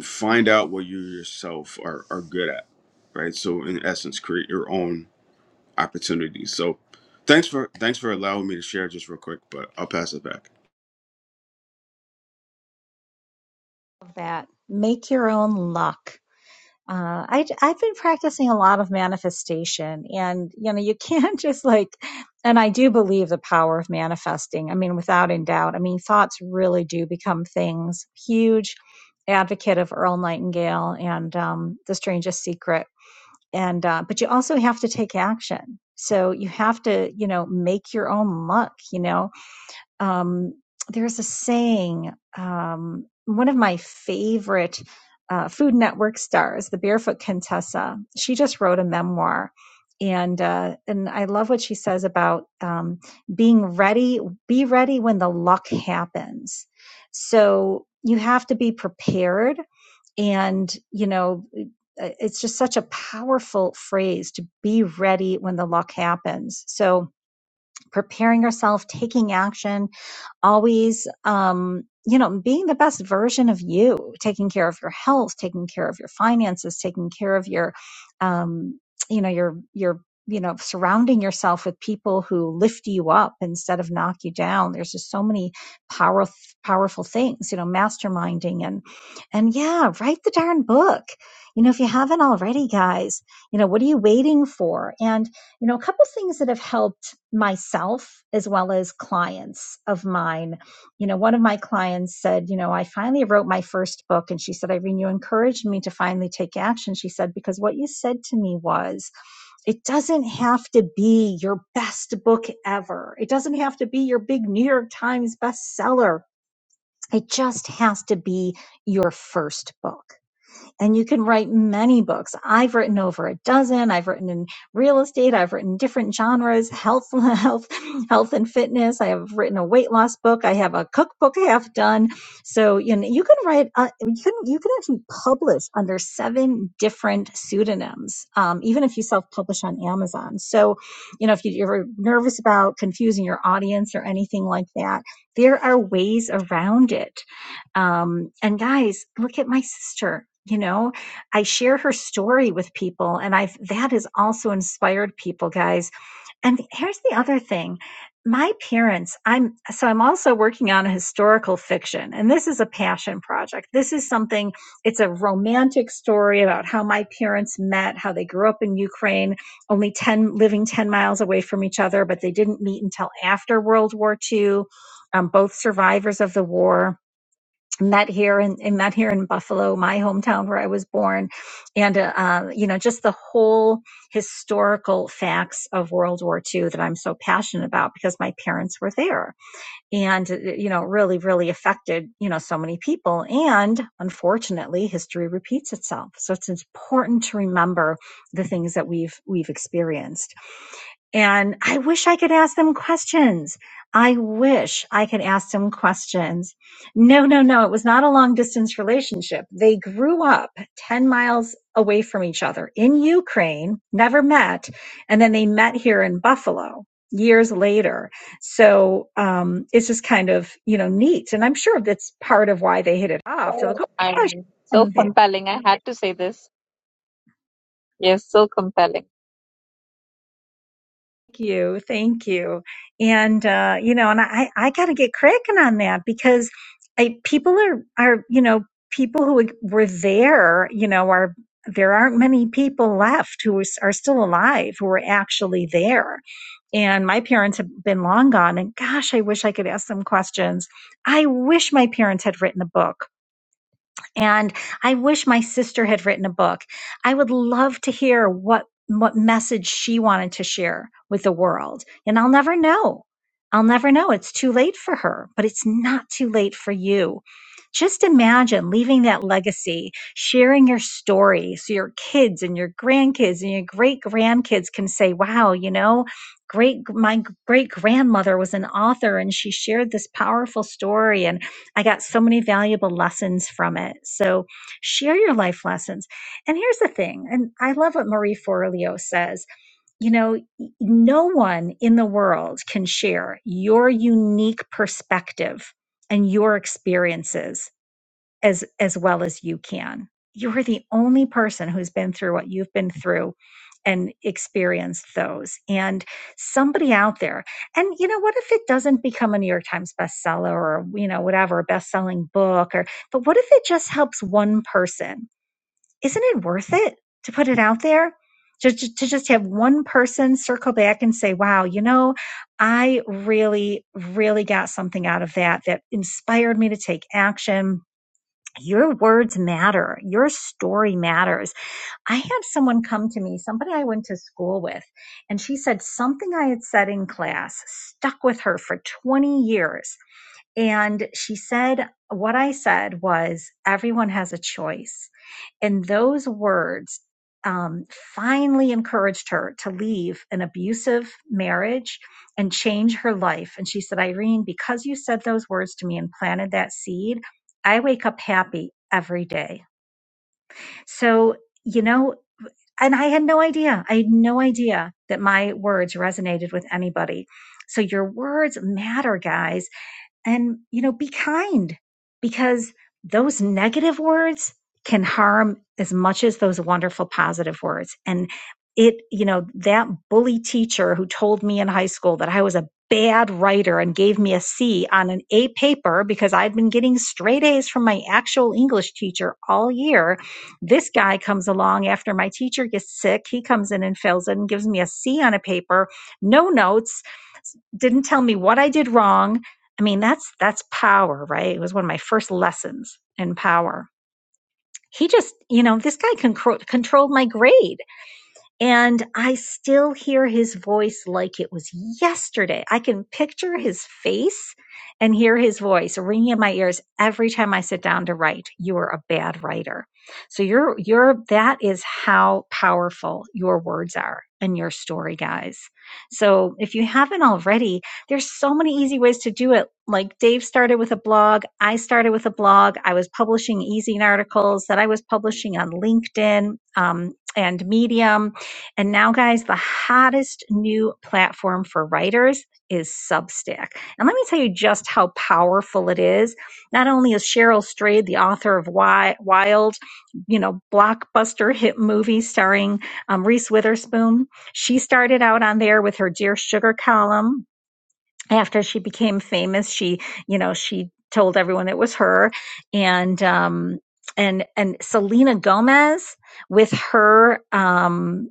Speaker 3: find out what you yourself are are good at, right? So, in essence, create your own opportunities. So thanks for thanks for allowing me to share just real quick, but I'll pass it back.
Speaker 1: That make your own luck. Uh, I, I've been practicing a lot of manifestation, and you know, you can't <laughs> just like. And I do believe the power of manifesting. I mean, without in doubt. I mean, thoughts really do become things. Huge advocate of Earl Nightingale and um, The Strangest Secret. And uh, but you also have to take action. So you have to, you know, make your own luck. You know, um, there's a saying, um, one of my favorite uh, Food Network stars, the Barefoot Contessa, she just wrote a memoir. And uh, and I love what she says about um, being ready. Be ready when the luck happens. So you have to be prepared, and you know it's just such a powerful phrase to be ready when the luck happens. So preparing yourself, taking action, always um you know being the best version of you taking care of your health taking care of your finances taking care of your um you know your your you know surrounding yourself with people who lift you up instead of knock you down there's just so many powerful powerful things you know masterminding and and yeah write the darn book you know if you haven't already guys you know what are you waiting for and you know, a couple things that have helped myself as well as clients of mine. You know, one of my clients said, You know, I finally wrote my first book. And she said, Irene, you encouraged me to finally take action. She said, Because what you said to me was, it doesn't have to be your best book ever, it doesn't have to be your big New York Times bestseller. It just has to be your first book and you can write many books. I've written over a dozen. I've written in real estate. I've written different genres, health, <laughs> health, health and fitness. I have written a weight loss book. I have a cookbook half done. So you know, you can write. Uh, you can you can actually publish under seven different pseudonyms, um, even if you self publish on Amazon. So you know, if you- you're nervous about confusing your audience or anything like that, there are ways around it um, and guys, look at my sister. You know, I share her story with people, and I've that has also inspired people, guys. And here's the other thing. My parents, I'm so I'm also working on a historical fiction, and this is a passion project. This is something, it's a romantic story about how my parents met, how they grew up in Ukraine, only 10 living 10 miles away from each other, but they didn't meet until after World War II, um, both survivors of the war met here and, and met here in Buffalo, my hometown where I was born, and uh, uh, you know just the whole historical facts of World War II that I'm so passionate about because my parents were there, and uh, you know really really affected you know so many people, and unfortunately history repeats itself, so it's important to remember the things that we've we've experienced. And I wish I could ask them questions. I wish I could ask them questions. No, no, no. It was not a long distance relationship. They grew up 10 miles away from each other in Ukraine, never met. And then they met here in Buffalo years later. So, um, it's just kind of, you know, neat. And I'm sure that's part of why they hit it off. They're like, oh,
Speaker 2: Irene, so
Speaker 1: gosh.
Speaker 2: compelling. I had to say this. Yes, so compelling.
Speaker 1: Thank you. Thank you. And, uh, you know, and I, I got to get cracking on that because I, people are, are, you know, people who were there, you know, are, there aren't many people left who is- are still alive who were actually there. And my parents have been long gone. And gosh, I wish I could ask them questions. I wish my parents had written a book and I wish my sister had written a book. I would love to hear what what message she wanted to share with the world. And I'll never know. I'll never know. It's too late for her, but it's not too late for you. Just imagine leaving that legacy, sharing your story so your kids and your grandkids and your great grandkids can say, wow, you know, great, my great grandmother was an author and she shared this powerful story. And I got so many valuable lessons from it. So share your life lessons. And here's the thing, and I love what Marie Forleo says. You know, no one in the world can share your unique perspective and your experiences as as well as you can. You're the only person who's been through what you've been through and experienced those. And somebody out there, and you know, what if it doesn't become a New York Times bestseller or, you know, whatever, a best-selling book or but what if it just helps one person? Isn't it worth it to put it out there? To, to to just have one person circle back and say, wow, you know, I really, really got something out of that that inspired me to take action your words matter. Your story matters. I had someone come to me, somebody I went to school with, and she said something I had said in class stuck with her for 20 years. And she said, What I said was, everyone has a choice. And those words um, finally encouraged her to leave an abusive marriage and change her life. And she said, Irene, because you said those words to me and planted that seed, I wake up happy every day. So, you know, and I had no idea. I had no idea that my words resonated with anybody. So your words matter, guys and you know be kind because those negative words can harm as much as those wonderful positive words and it you know that bully teacher who told me in high school that i was a bad writer and gave me a c on an a paper because i'd been getting straight a's from my actual english teacher all year this guy comes along after my teacher gets sick he comes in and fills it and gives me a c on a paper no notes didn't tell me what I did wrong. I mean, that's that's power, right? It was one of my first lessons in power. He just, you know, this guy con- controlled my grade. And I still hear his voice like it was yesterday. I can picture his face and hear his voice ringing in my ears every time I sit down to write. You are a bad writer. So you're, you're, that is how powerful your words are and your story, guys. So if you haven't already, there's so many easy ways to do it. Like Dave started with a blog. I started with a blog. I was publishing easing articles that I was publishing on LinkedIn um, and Medium and now, guys, the hottest new platform for writers is Substack. And let me tell you just how powerful it is. Not only is Cheryl Strayed, the author of Wild, you know, blockbuster hit movie starring um, Reese Witherspoon, she started out on there with her Dear Sugar column, after she became famous she you know she told everyone it was her and um and and selena gomez with her um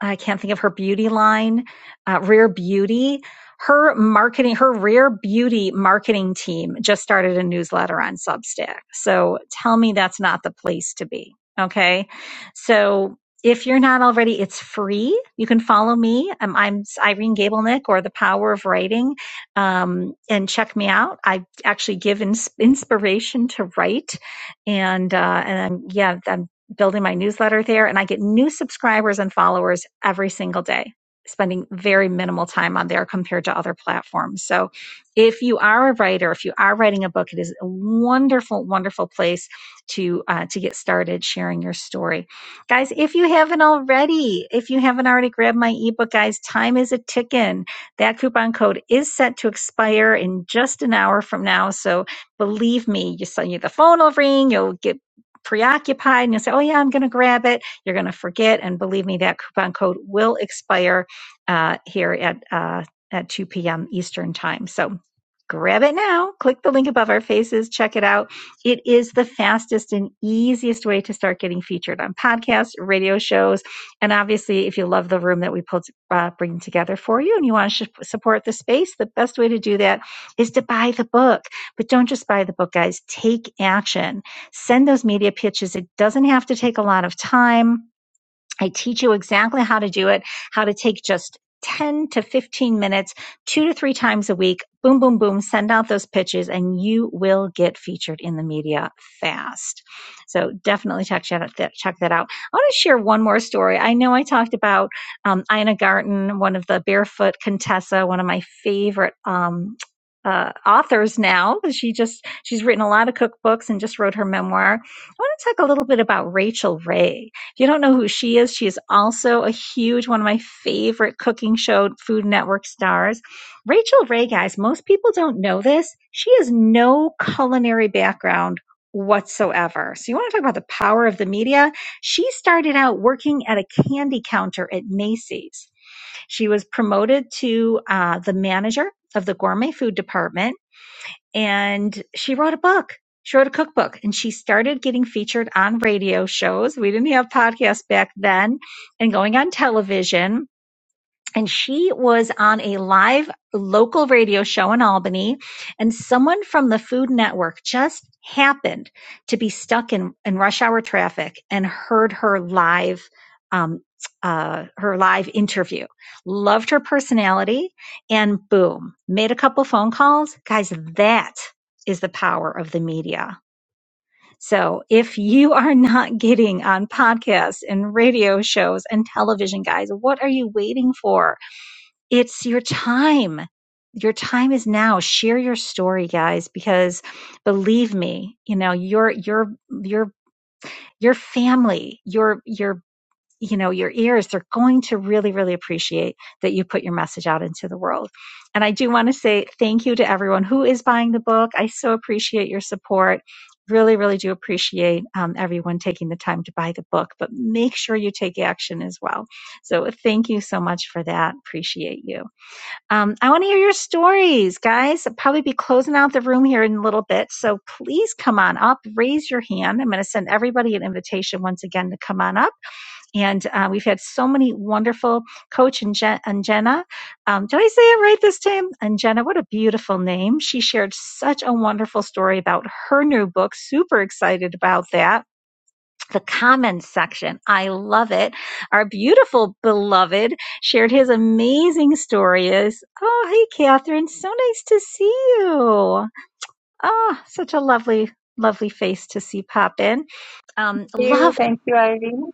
Speaker 1: i can't think of her beauty line uh, rare beauty her marketing her rare beauty marketing team just started a newsletter on substack so tell me that's not the place to be okay so if you're not already, it's free. You can follow me. Um, I'm Irene Gablenick or The Power of Writing um, and check me out. I actually give ins- inspiration to write, and uh, and I'm, yeah, I'm building my newsletter there, and I get new subscribers and followers every single day. Spending very minimal time on there compared to other platforms. So, if you are a writer, if you are writing a book, it is a wonderful, wonderful place to uh, to get started sharing your story guys if you haven't already if you haven't already grabbed my ebook guys time is a ticking that coupon code is set to expire in just an hour from now. So believe me, you so you the phone will ring, you'll get preoccupied and you'll say, Oh yeah, I'm gonna grab it. You're gonna forget. And believe me, that coupon code will expire uh, here at uh, at 2 p.m. Eastern time. So grab it now. Click the link above our faces. Check it out. It is the fastest and easiest way to start getting featured on podcasts, radio shows, and obviously, if you love the room that we pulled uh, bring together for you and you want to sh- support the space, the best way to do that is to buy the book. But don't just buy the book, guys. Take action. Send those media pitches. It doesn't have to take a lot of time I teach you exactly how to do it, how to take just 10 to 15 minutes, two to three times a week. Boom, boom, boom. Send out those pitches and you will get featured in the media fast. So definitely check that, check that out. I want to share one more story. I know I talked about um, Ina Garten, one of the barefoot Contessa, one of my favorite um, uh, authors now. She just, she's written a lot of cookbooks and just wrote her memoir. I want to talk a little bit about Rachel Ray. If you don't know who she is, she is also a huge one of my favorite cooking show Food Network stars. Rachel Ray, guys, most people don't know this. She has no culinary background whatsoever. So you want to talk about the power of the media? She started out working at a candy counter at Macy's. She was promoted to uh, the manager of the gourmet food department and she wrote a book. She wrote a cookbook and she started getting featured on radio shows. We didn't have podcasts back then and going on television and she was on a live local radio show in Albany and someone from the Food Network just happened to be stuck in, in rush hour traffic and heard her live um, uh, her live interview. Loved her personality and boom, made a couple phone calls. Guys, that is the power of the media. So if you are not getting on podcasts and radio shows and television, guys, what are you waiting for? It's your time. Your time is now. Share your story, guys, because believe me, you know, your your your your family, your your you know, your ears, they're going to really, really appreciate that you put your message out into the world. And I do want to say thank you to everyone who is buying the book. I so appreciate your support. Really, really do appreciate um, everyone taking the time to buy the book, but make sure you take action as well. So thank you so much for that. Appreciate you. Um, I want to hear your stories, guys. I'll probably be closing out the room here in a little bit. So please come on up, raise your hand. I'm going to send everybody an invitation once again to come on up. And uh, we've had so many wonderful coach and, Jen- and Jenna. Um, did I say it right this time? And Jenna, what a beautiful name. She shared such a wonderful story about her new book. Super excited about that the comments section. I love it. Our beautiful beloved shared his amazing stories. Oh, hey, Catherine. So nice to see you. Oh, such a lovely, lovely face to see pop in. Um,
Speaker 2: Thank you.
Speaker 1: love.
Speaker 2: Thank you, Irene.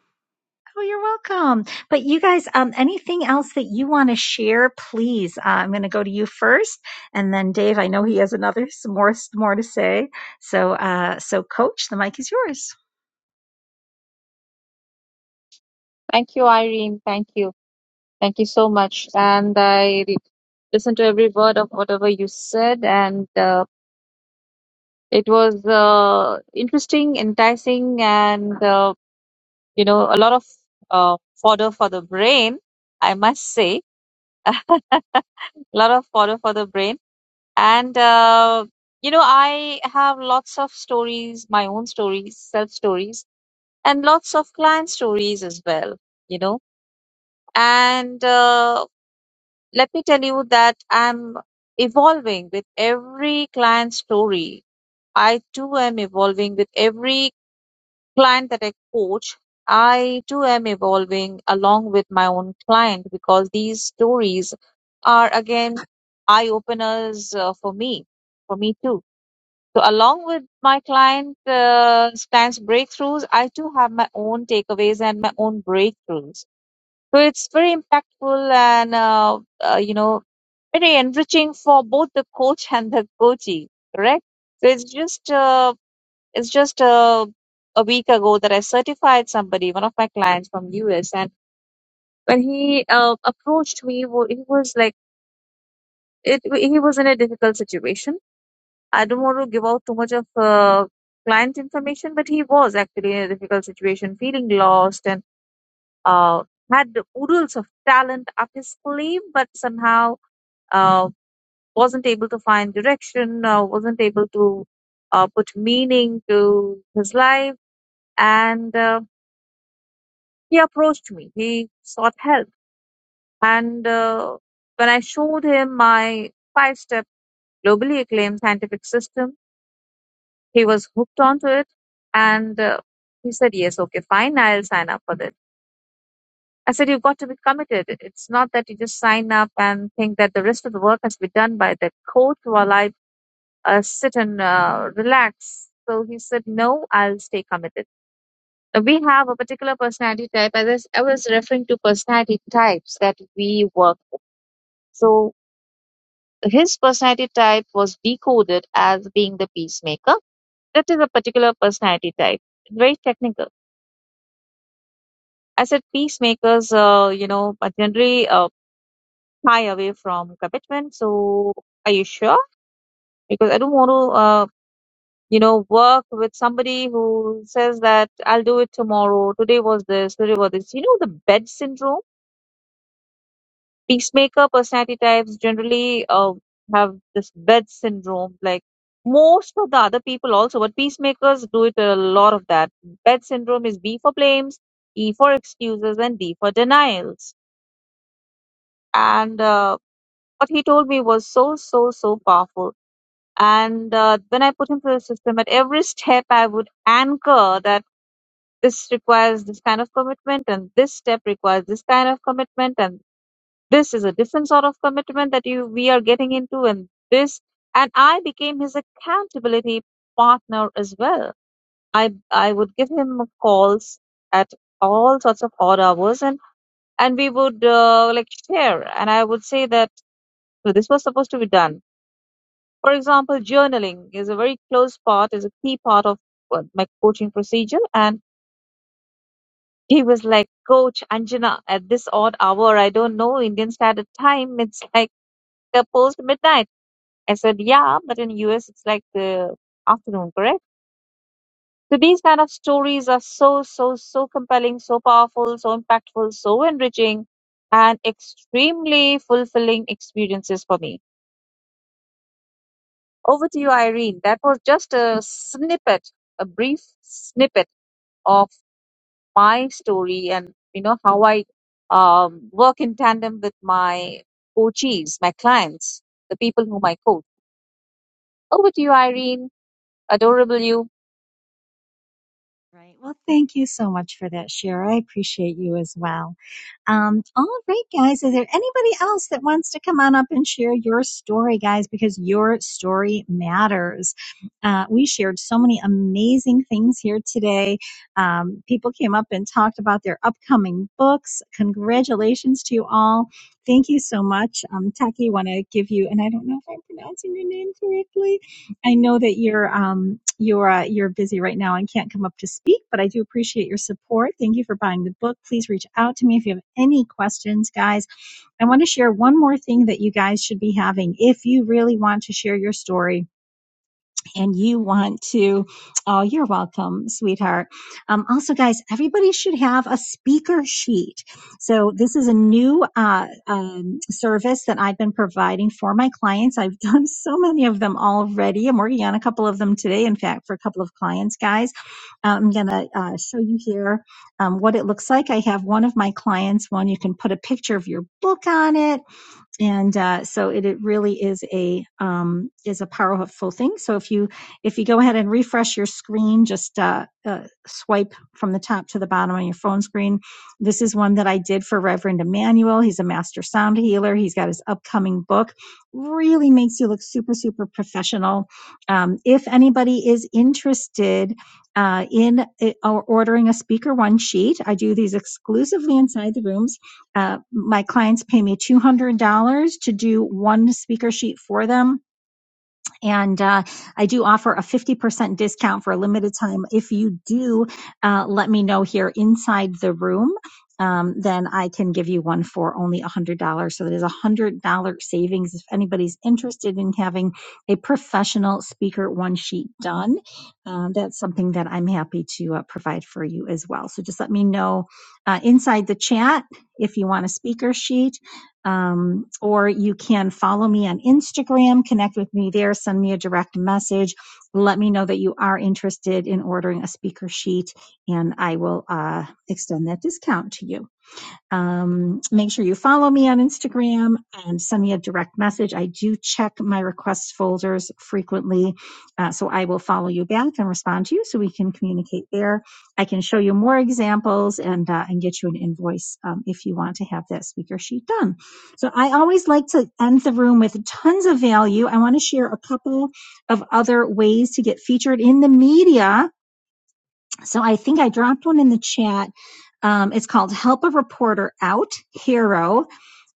Speaker 1: Oh, you're welcome. But you guys, um, anything else that you want to share, please. Uh, I'm going to go to you first, and then Dave. I know he has another some more some more to say. So, uh, so Coach, the mic is yours.
Speaker 2: Thank you, Irene. Thank you. Thank you so much. And I listened to every word of whatever you said, and uh, it was uh, interesting, enticing, and uh, you know, a lot of uh, fodder for the brain, I must say. <laughs> a lot of fodder for the brain. And, uh, you know, I have lots of stories, my own stories, self stories, and lots of client stories as well, you know. and uh, let me tell you that i'm evolving with every client story i too am evolving with every client that i coach i too am evolving along with my own client because these stories are again eye openers uh, for me for me too so along with my client uh, clients breakthroughs i too have my own takeaways and my own breakthroughs so it's very impactful and uh, uh, you know very enriching for both the coach and the coachee, correct? So it's just uh, it's just uh, a week ago that I certified somebody, one of my clients from US, and when he uh, approached me, wa- he was like it. He was in a difficult situation. I don't want to give out too much of uh, client information, but he was actually in a difficult situation, feeling lost and uh, had oodles of talent up his sleeve, but somehow uh, wasn't able to find direction, uh, wasn't able to uh, put meaning to his life, and uh, he approached me. He sought help, and uh, when I showed him my five-step globally acclaimed scientific system, he was hooked onto it, and uh, he said, "Yes, okay, fine, I'll sign up for this." I said, "You've got to be committed. It's not that you just sign up and think that the rest of the work has to be done by the coach while I uh, sit and uh, relax. So he said, No, I'll stay committed. Uh, We have a particular personality type. As I s- I was referring to personality types that we work with. So his personality type was decoded as being the peacemaker. That is a particular personality type, very technical. I said peacemakers, uh, you know, are generally uh, shy away from commitment. So, are you sure? Because I don't want to. uh, you know, work with somebody who says that I'll do it tomorrow, today was this, today was this. You know, the bed syndrome, peacemaker personality types generally uh, have this bed syndrome, like most of the other people also, but peacemakers do it a lot of that. Bed syndrome is B for blames, E for excuses, and D for denials. And uh, what he told me was so, so, so powerful. And uh, when I put him through the system, at every step I would anchor that this requires this kind of commitment and this step requires this kind of commitment and this is a different sort of commitment that you we are getting into and this and i became his accountability partner as well i i would give him calls at all sorts of odd hours and and we would uh, like share and i would say that "No, this was supposed to be done for example journaling is a very close part is a key part of uh, my coaching procedure and He was like, Coach Anjana, at this odd hour, I don't know Indian standard time. It's like uh, post midnight. I said, Yeah, but in US it's like the afternoon, correct? So these kind of stories are so, so, so compelling, so powerful, so impactful, so enriching, and extremely fulfilling experiences for me. Over to you, Irene. That was just a snippet, a brief snippet. of. my story and you know how I um, work in tandem with my coachees, my clients, the people whom I coach. Over to you, Irene. Adorable you.
Speaker 1: Right. Well, thank you so much for that share. I appreciate you as well. Um, all right, guys. Is there anybody else that wants to come on up and share your story, guys? Because your story matters. Uh, we shared so many amazing things here today. Um, people came up and talked about their upcoming books. Congratulations to you all. Thank you so much. Um, Taki, want to give you, and I don't know if I'm pronouncing your name correctly. I know that you're um, you're uh, you're busy right now and can't come up to speak, but I do appreciate your support. Thank you for buying the book. Please reach out to me if you have any questions, guys. I want to share one more thing that you guys should be having if you really want to share your story and you want to, oh, you're welcome, sweetheart. Um, also, guys, everybody should have a speaker sheet. So this is a new uh, um, service that I've been providing for my clients. I've <laughs> done so many of them already. I'm working on a couple of them today. In fact, for a couple of clients, guys, I'm gonna uh, show you here um, what it looks like. I have one of my clients one you can put a picture of your book on it and uh, so it, it really is a um, is a powerful thing. So if you if you go ahead and refresh your screen, just uh, uh, swipe from the top to the bottom on your phone screen. This is one that I did for Reverend Emmanuel. He's a master sound healer. He's got his upcoming book. Really makes you look super super professional. Um, if anybody is interested. Uh, in uh, ordering a speaker one sheet. I do these exclusively inside the rooms uh, my clients pay me $200 to do one speaker sheet for them and uh, I do offer a 50% discount for a limited time. If you do uh, let me know here inside the room, um, then I can give you one for only $100. So that is a $100 savings if anybody's interested in having a professional speaker one sheet done. Um, that's something that I'm happy to uh, provide for you as well. So just let me know uh, inside the chat if you want a speaker sheet um, or you can follow me on Instagram, connect with me there, send me a direct message. Let me know that you are interested in ordering a speaker sheet, and I will uh, extend that discount to you. Um, make sure you follow me on Instagram and send me a direct message. I do check my request folders frequently, uh, so I will follow you back and respond to you so we can communicate there. I can show you more examples and uh, and get you an invoice um, if you want to have that speaker sheet done. So I always like to end the room with tons of value. I want to share a couple of other ways to get featured in the media so I think I dropped one in the chat. Um, it's called Help a Reporter Out Hero,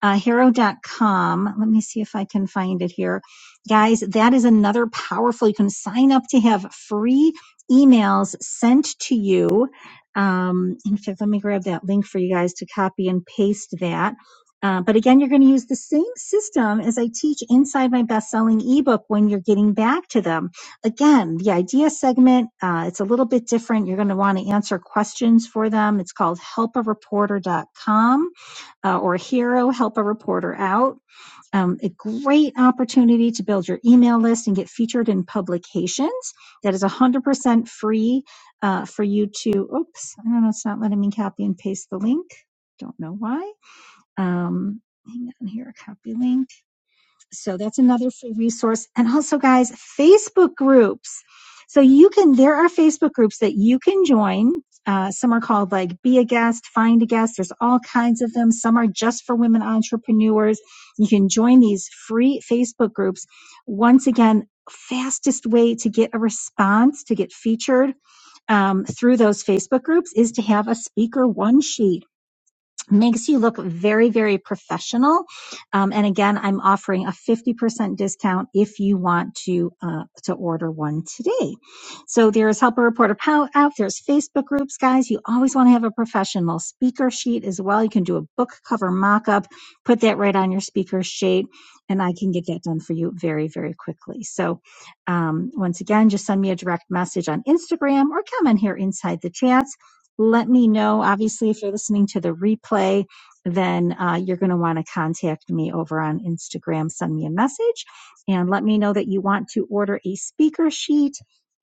Speaker 1: uh, hero dot com. Let me see if I can find it here. Guys, that is another powerful. You can sign up to have free emails sent to you. Um, in fact, let me grab that link for you guys to copy and paste that. Uh, but again, you're going to use the same system as I teach inside my best selling ebook when you're getting back to them again, the idea segment, uh, it's a little bit different. You're going to want to answer questions for them. It's called helpareporter.com uh, or Hero Help a Reporter Out. Um, a great opportunity to build your email list and get featured in publications. That is 100% free uh, for you to. Oops, I don't know. It's not letting me copy and paste the link. Don't know why. Um, hang on here, copy link. So that's another free resource. And also, guys, Facebook groups. So you can, there are Facebook groups that you can join. Uh, some are called like Be a Guest, Find a Guest. There's all kinds of them. Some are just for women entrepreneurs. You can join these free Facebook groups. Once again, fastest way to get a response to get featured um, through those Facebook groups is to have a speaker one sheet makes you look very, very professional. Um, and again, I'm offering a 50% discount if you want to, uh, to order one today. So there's Helper Reporter Pow- out. There's Facebook groups, guys. You always want to have a professional speaker sheet as well. You can do a book cover mock-up, put that right on your speaker sheet, and I can get that done for you very, very quickly. So, um, once again, just send me a direct message on Instagram or come in here inside the chat let me know. Obviously, if you're listening to the replay, then uh, you're going to want to contact me over on Instagram. Send me a message and let me know that you want to order a speaker sheet.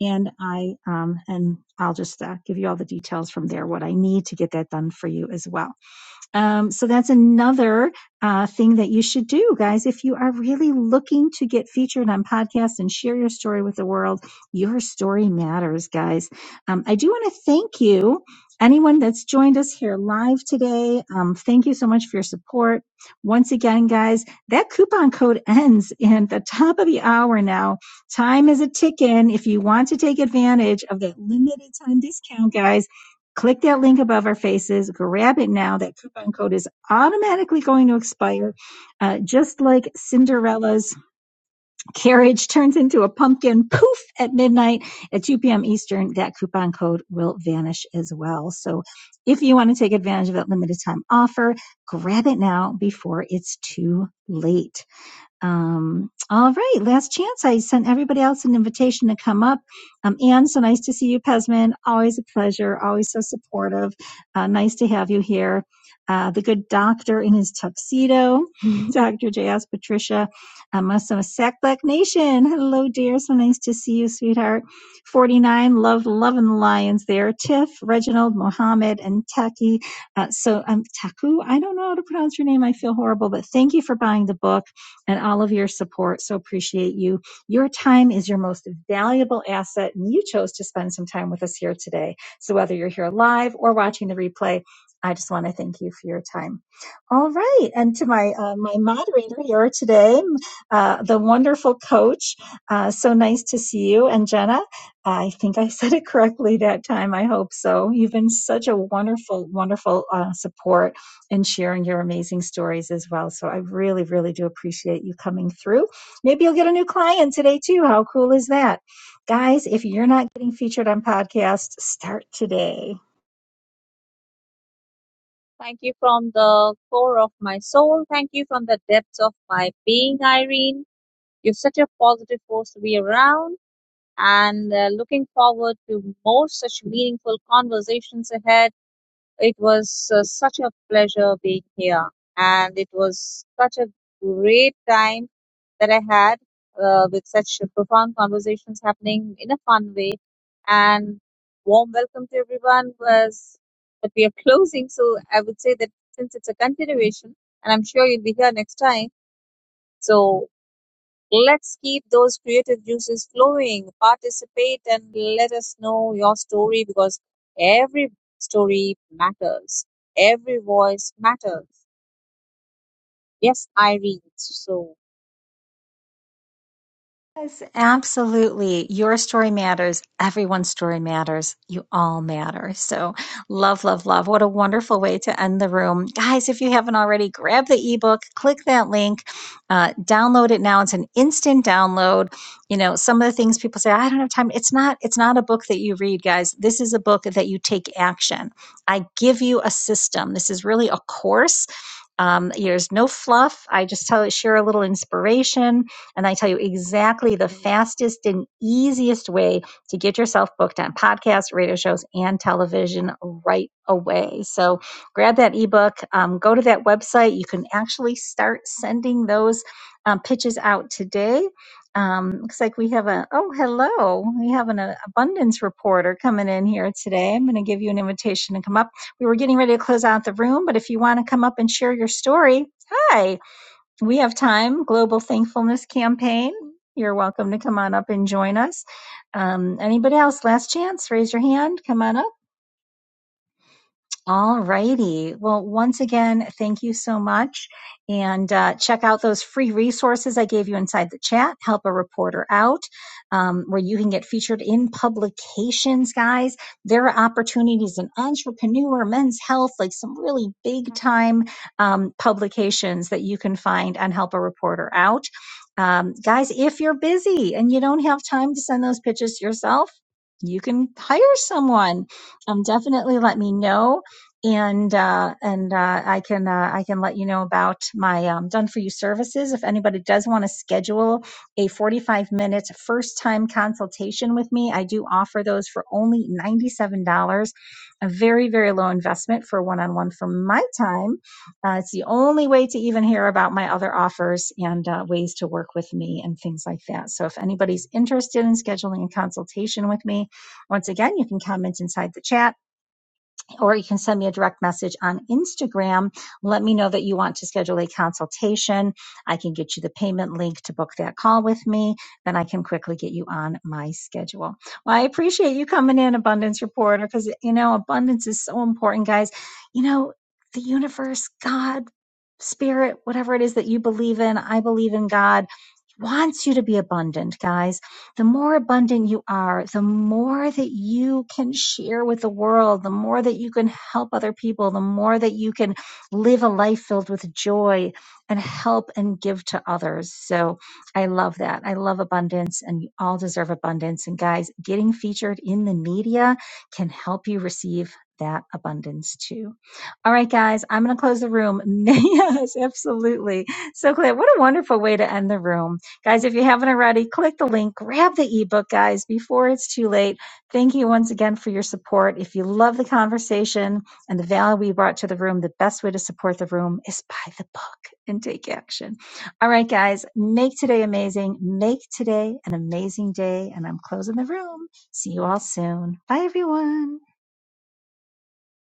Speaker 1: And I um, and I'll just uh, give you all the details from there. What I need to get that done for you as well. Um, so that's another uh, thing that you should do, guys. If you are really looking to get featured on podcasts and share your story with the world, your story matters, guys. Um, I do want to thank you, anyone that's joined us here live today. Um, thank you so much for your support. Once again, guys, that coupon code ends in the top of the hour now. Time is a ticking. If you want to take advantage of that limited time discount, guys, Click that link above our faces. Grab it now. That coupon code is automatically going to expire. Uh, just like Cinderella's carriage turns into a pumpkin poof at midnight at 2 p.m. Eastern, that coupon code will vanish as well. So if you want to take advantage of that limited time offer, grab it now before it's too late. Um, all right, last chance. I sent everybody else an invitation to come up. Um, Anne, so nice to see you, Pesman. Always a pleasure. Always so supportive. Uh, nice to have you here. Uh, the good doctor in his tuxedo, <laughs> Dr. J.S. Patricia, uh, Muslim Sack Black Nation. Hello, dear. So nice to see you, sweetheart. 49, love, loving the lions there. Tiff, Reginald, Mohammed, and Taki. Uh, so, um, Taku, I don't know how to pronounce your name. I feel horrible, but thank you for buying the book and all of your support. So appreciate you. Your time is your most valuable asset, and you chose to spend some time with us here today. So whether you're here live or watching the replay, I just want to thank you for your time. All right, and to my uh, my moderator here today, uh, the wonderful coach. Uh, so nice to see you, and Jenna. I think I <laughs> said it correctly that time. I hope so. You've been such a wonderful, wonderful uh, support and sharing your amazing stories as well. So I really, really do appreciate you coming through. Maybe you'll get a new client today too. How cool is that? Guys, if you're not getting featured on podcasts, start today.
Speaker 2: Thank you from the core of my soul. Thank you from the depths of my being, Irene. You're such a positive force to be around, and uh, looking forward to more such meaningful conversations ahead It was uh, such a pleasure being here, and it was such a great time that I had uh, with such profound conversations happening in a fun way. And warm welcome to everyone was But we are closing. So I would say that since it's a continuation, and I'm sure you'll be here next time. So Let's keep those creative juices flowing. Participate and let us know your story because every story matters. Every voice matters. Yes, Irene. So
Speaker 1: Yes, absolutely. Your story matters. Everyone's story matters. You all matter. So, love, love, love. What a wonderful way to end the room. Guys, if you haven't already, grab the ebook, click that link, uh, download it now. It's an instant download. You know, some of the things people say, I don't have time. It's not, it's not a book that you read, guys. This is a book that you take action. I give you a system. This is really a course um, there's no fluff. I just tell share a little inspiration, and I tell you exactly the fastest and easiest way to get yourself booked on podcasts, radio shows, and television right away. So grab that ebook. Um, go to that website. You can actually start sending those um, pitches out today. Um, looks like we have a oh hello we have an uh, abundance reporter coming in here today. I'm going to give you an invitation to come up we were getting ready to close out the room, but if you want to come up and share your story, hi, we have time. Global Thankfulness Campaign. You're welcome to come on up and join us. Um, anybody else? Last chance. Raise your hand. Come on up. All righty. Well, once again, thank you so much. And uh, check out those free resources I gave you inside the chat. Help a reporter out, um, where you can get featured in publications, guys. There are opportunities in entrepreneur, men's health, like some really big time um, publications that you can find on Help a Reporter Out. Um, guys, if you're busy and you don't have time to send those pitches yourself, you can hire someone um, definitely let me know and uh, and uh, I can uh, I can let you know about my um, done for you services. If anybody does want to schedule a 45 minute first time consultation with me, I do offer those for only $97. A very very low investment for one on one for my time. Uh, it's the only way to even hear about my other offers and uh, ways to work with me and things like that. So if anybody's interested in scheduling a consultation with me, once again you can comment inside the chat or you can send me a direct message on Instagram. Let me know that you want to schedule a consultation. I can get you the payment link to book that call with me. Then I can quickly get you on my schedule. Well, I appreciate you coming in, Abundance Reporter, because, you know, abundance is so important, guys. You know, the universe, God, spirit, whatever it is that you believe in, I believe in God, wants you to be abundant, guys the more abundant you are, the more that you can share with the world, the more that you can help other people, the more that you can live a life filled with joy and help and give to others. So I love that. I love abundance and you all deserve abundance. And guys, getting featured in the media can help you receive that abundance too. All right, guys, I'm going to close the room. <laughs> yes, absolutely. So, Claire, what a wonderful way to end the room. Guys, if you haven't already, click the link, grab the ebook, guys, before it's too late. Thank you once again for your support. If you love the conversation and the value we brought to the room, the best way to support the room is buy the book and take action. All right, guys, make today amazing. Make today an amazing day. And I'm closing the room. See you all soon. Bye, everyone.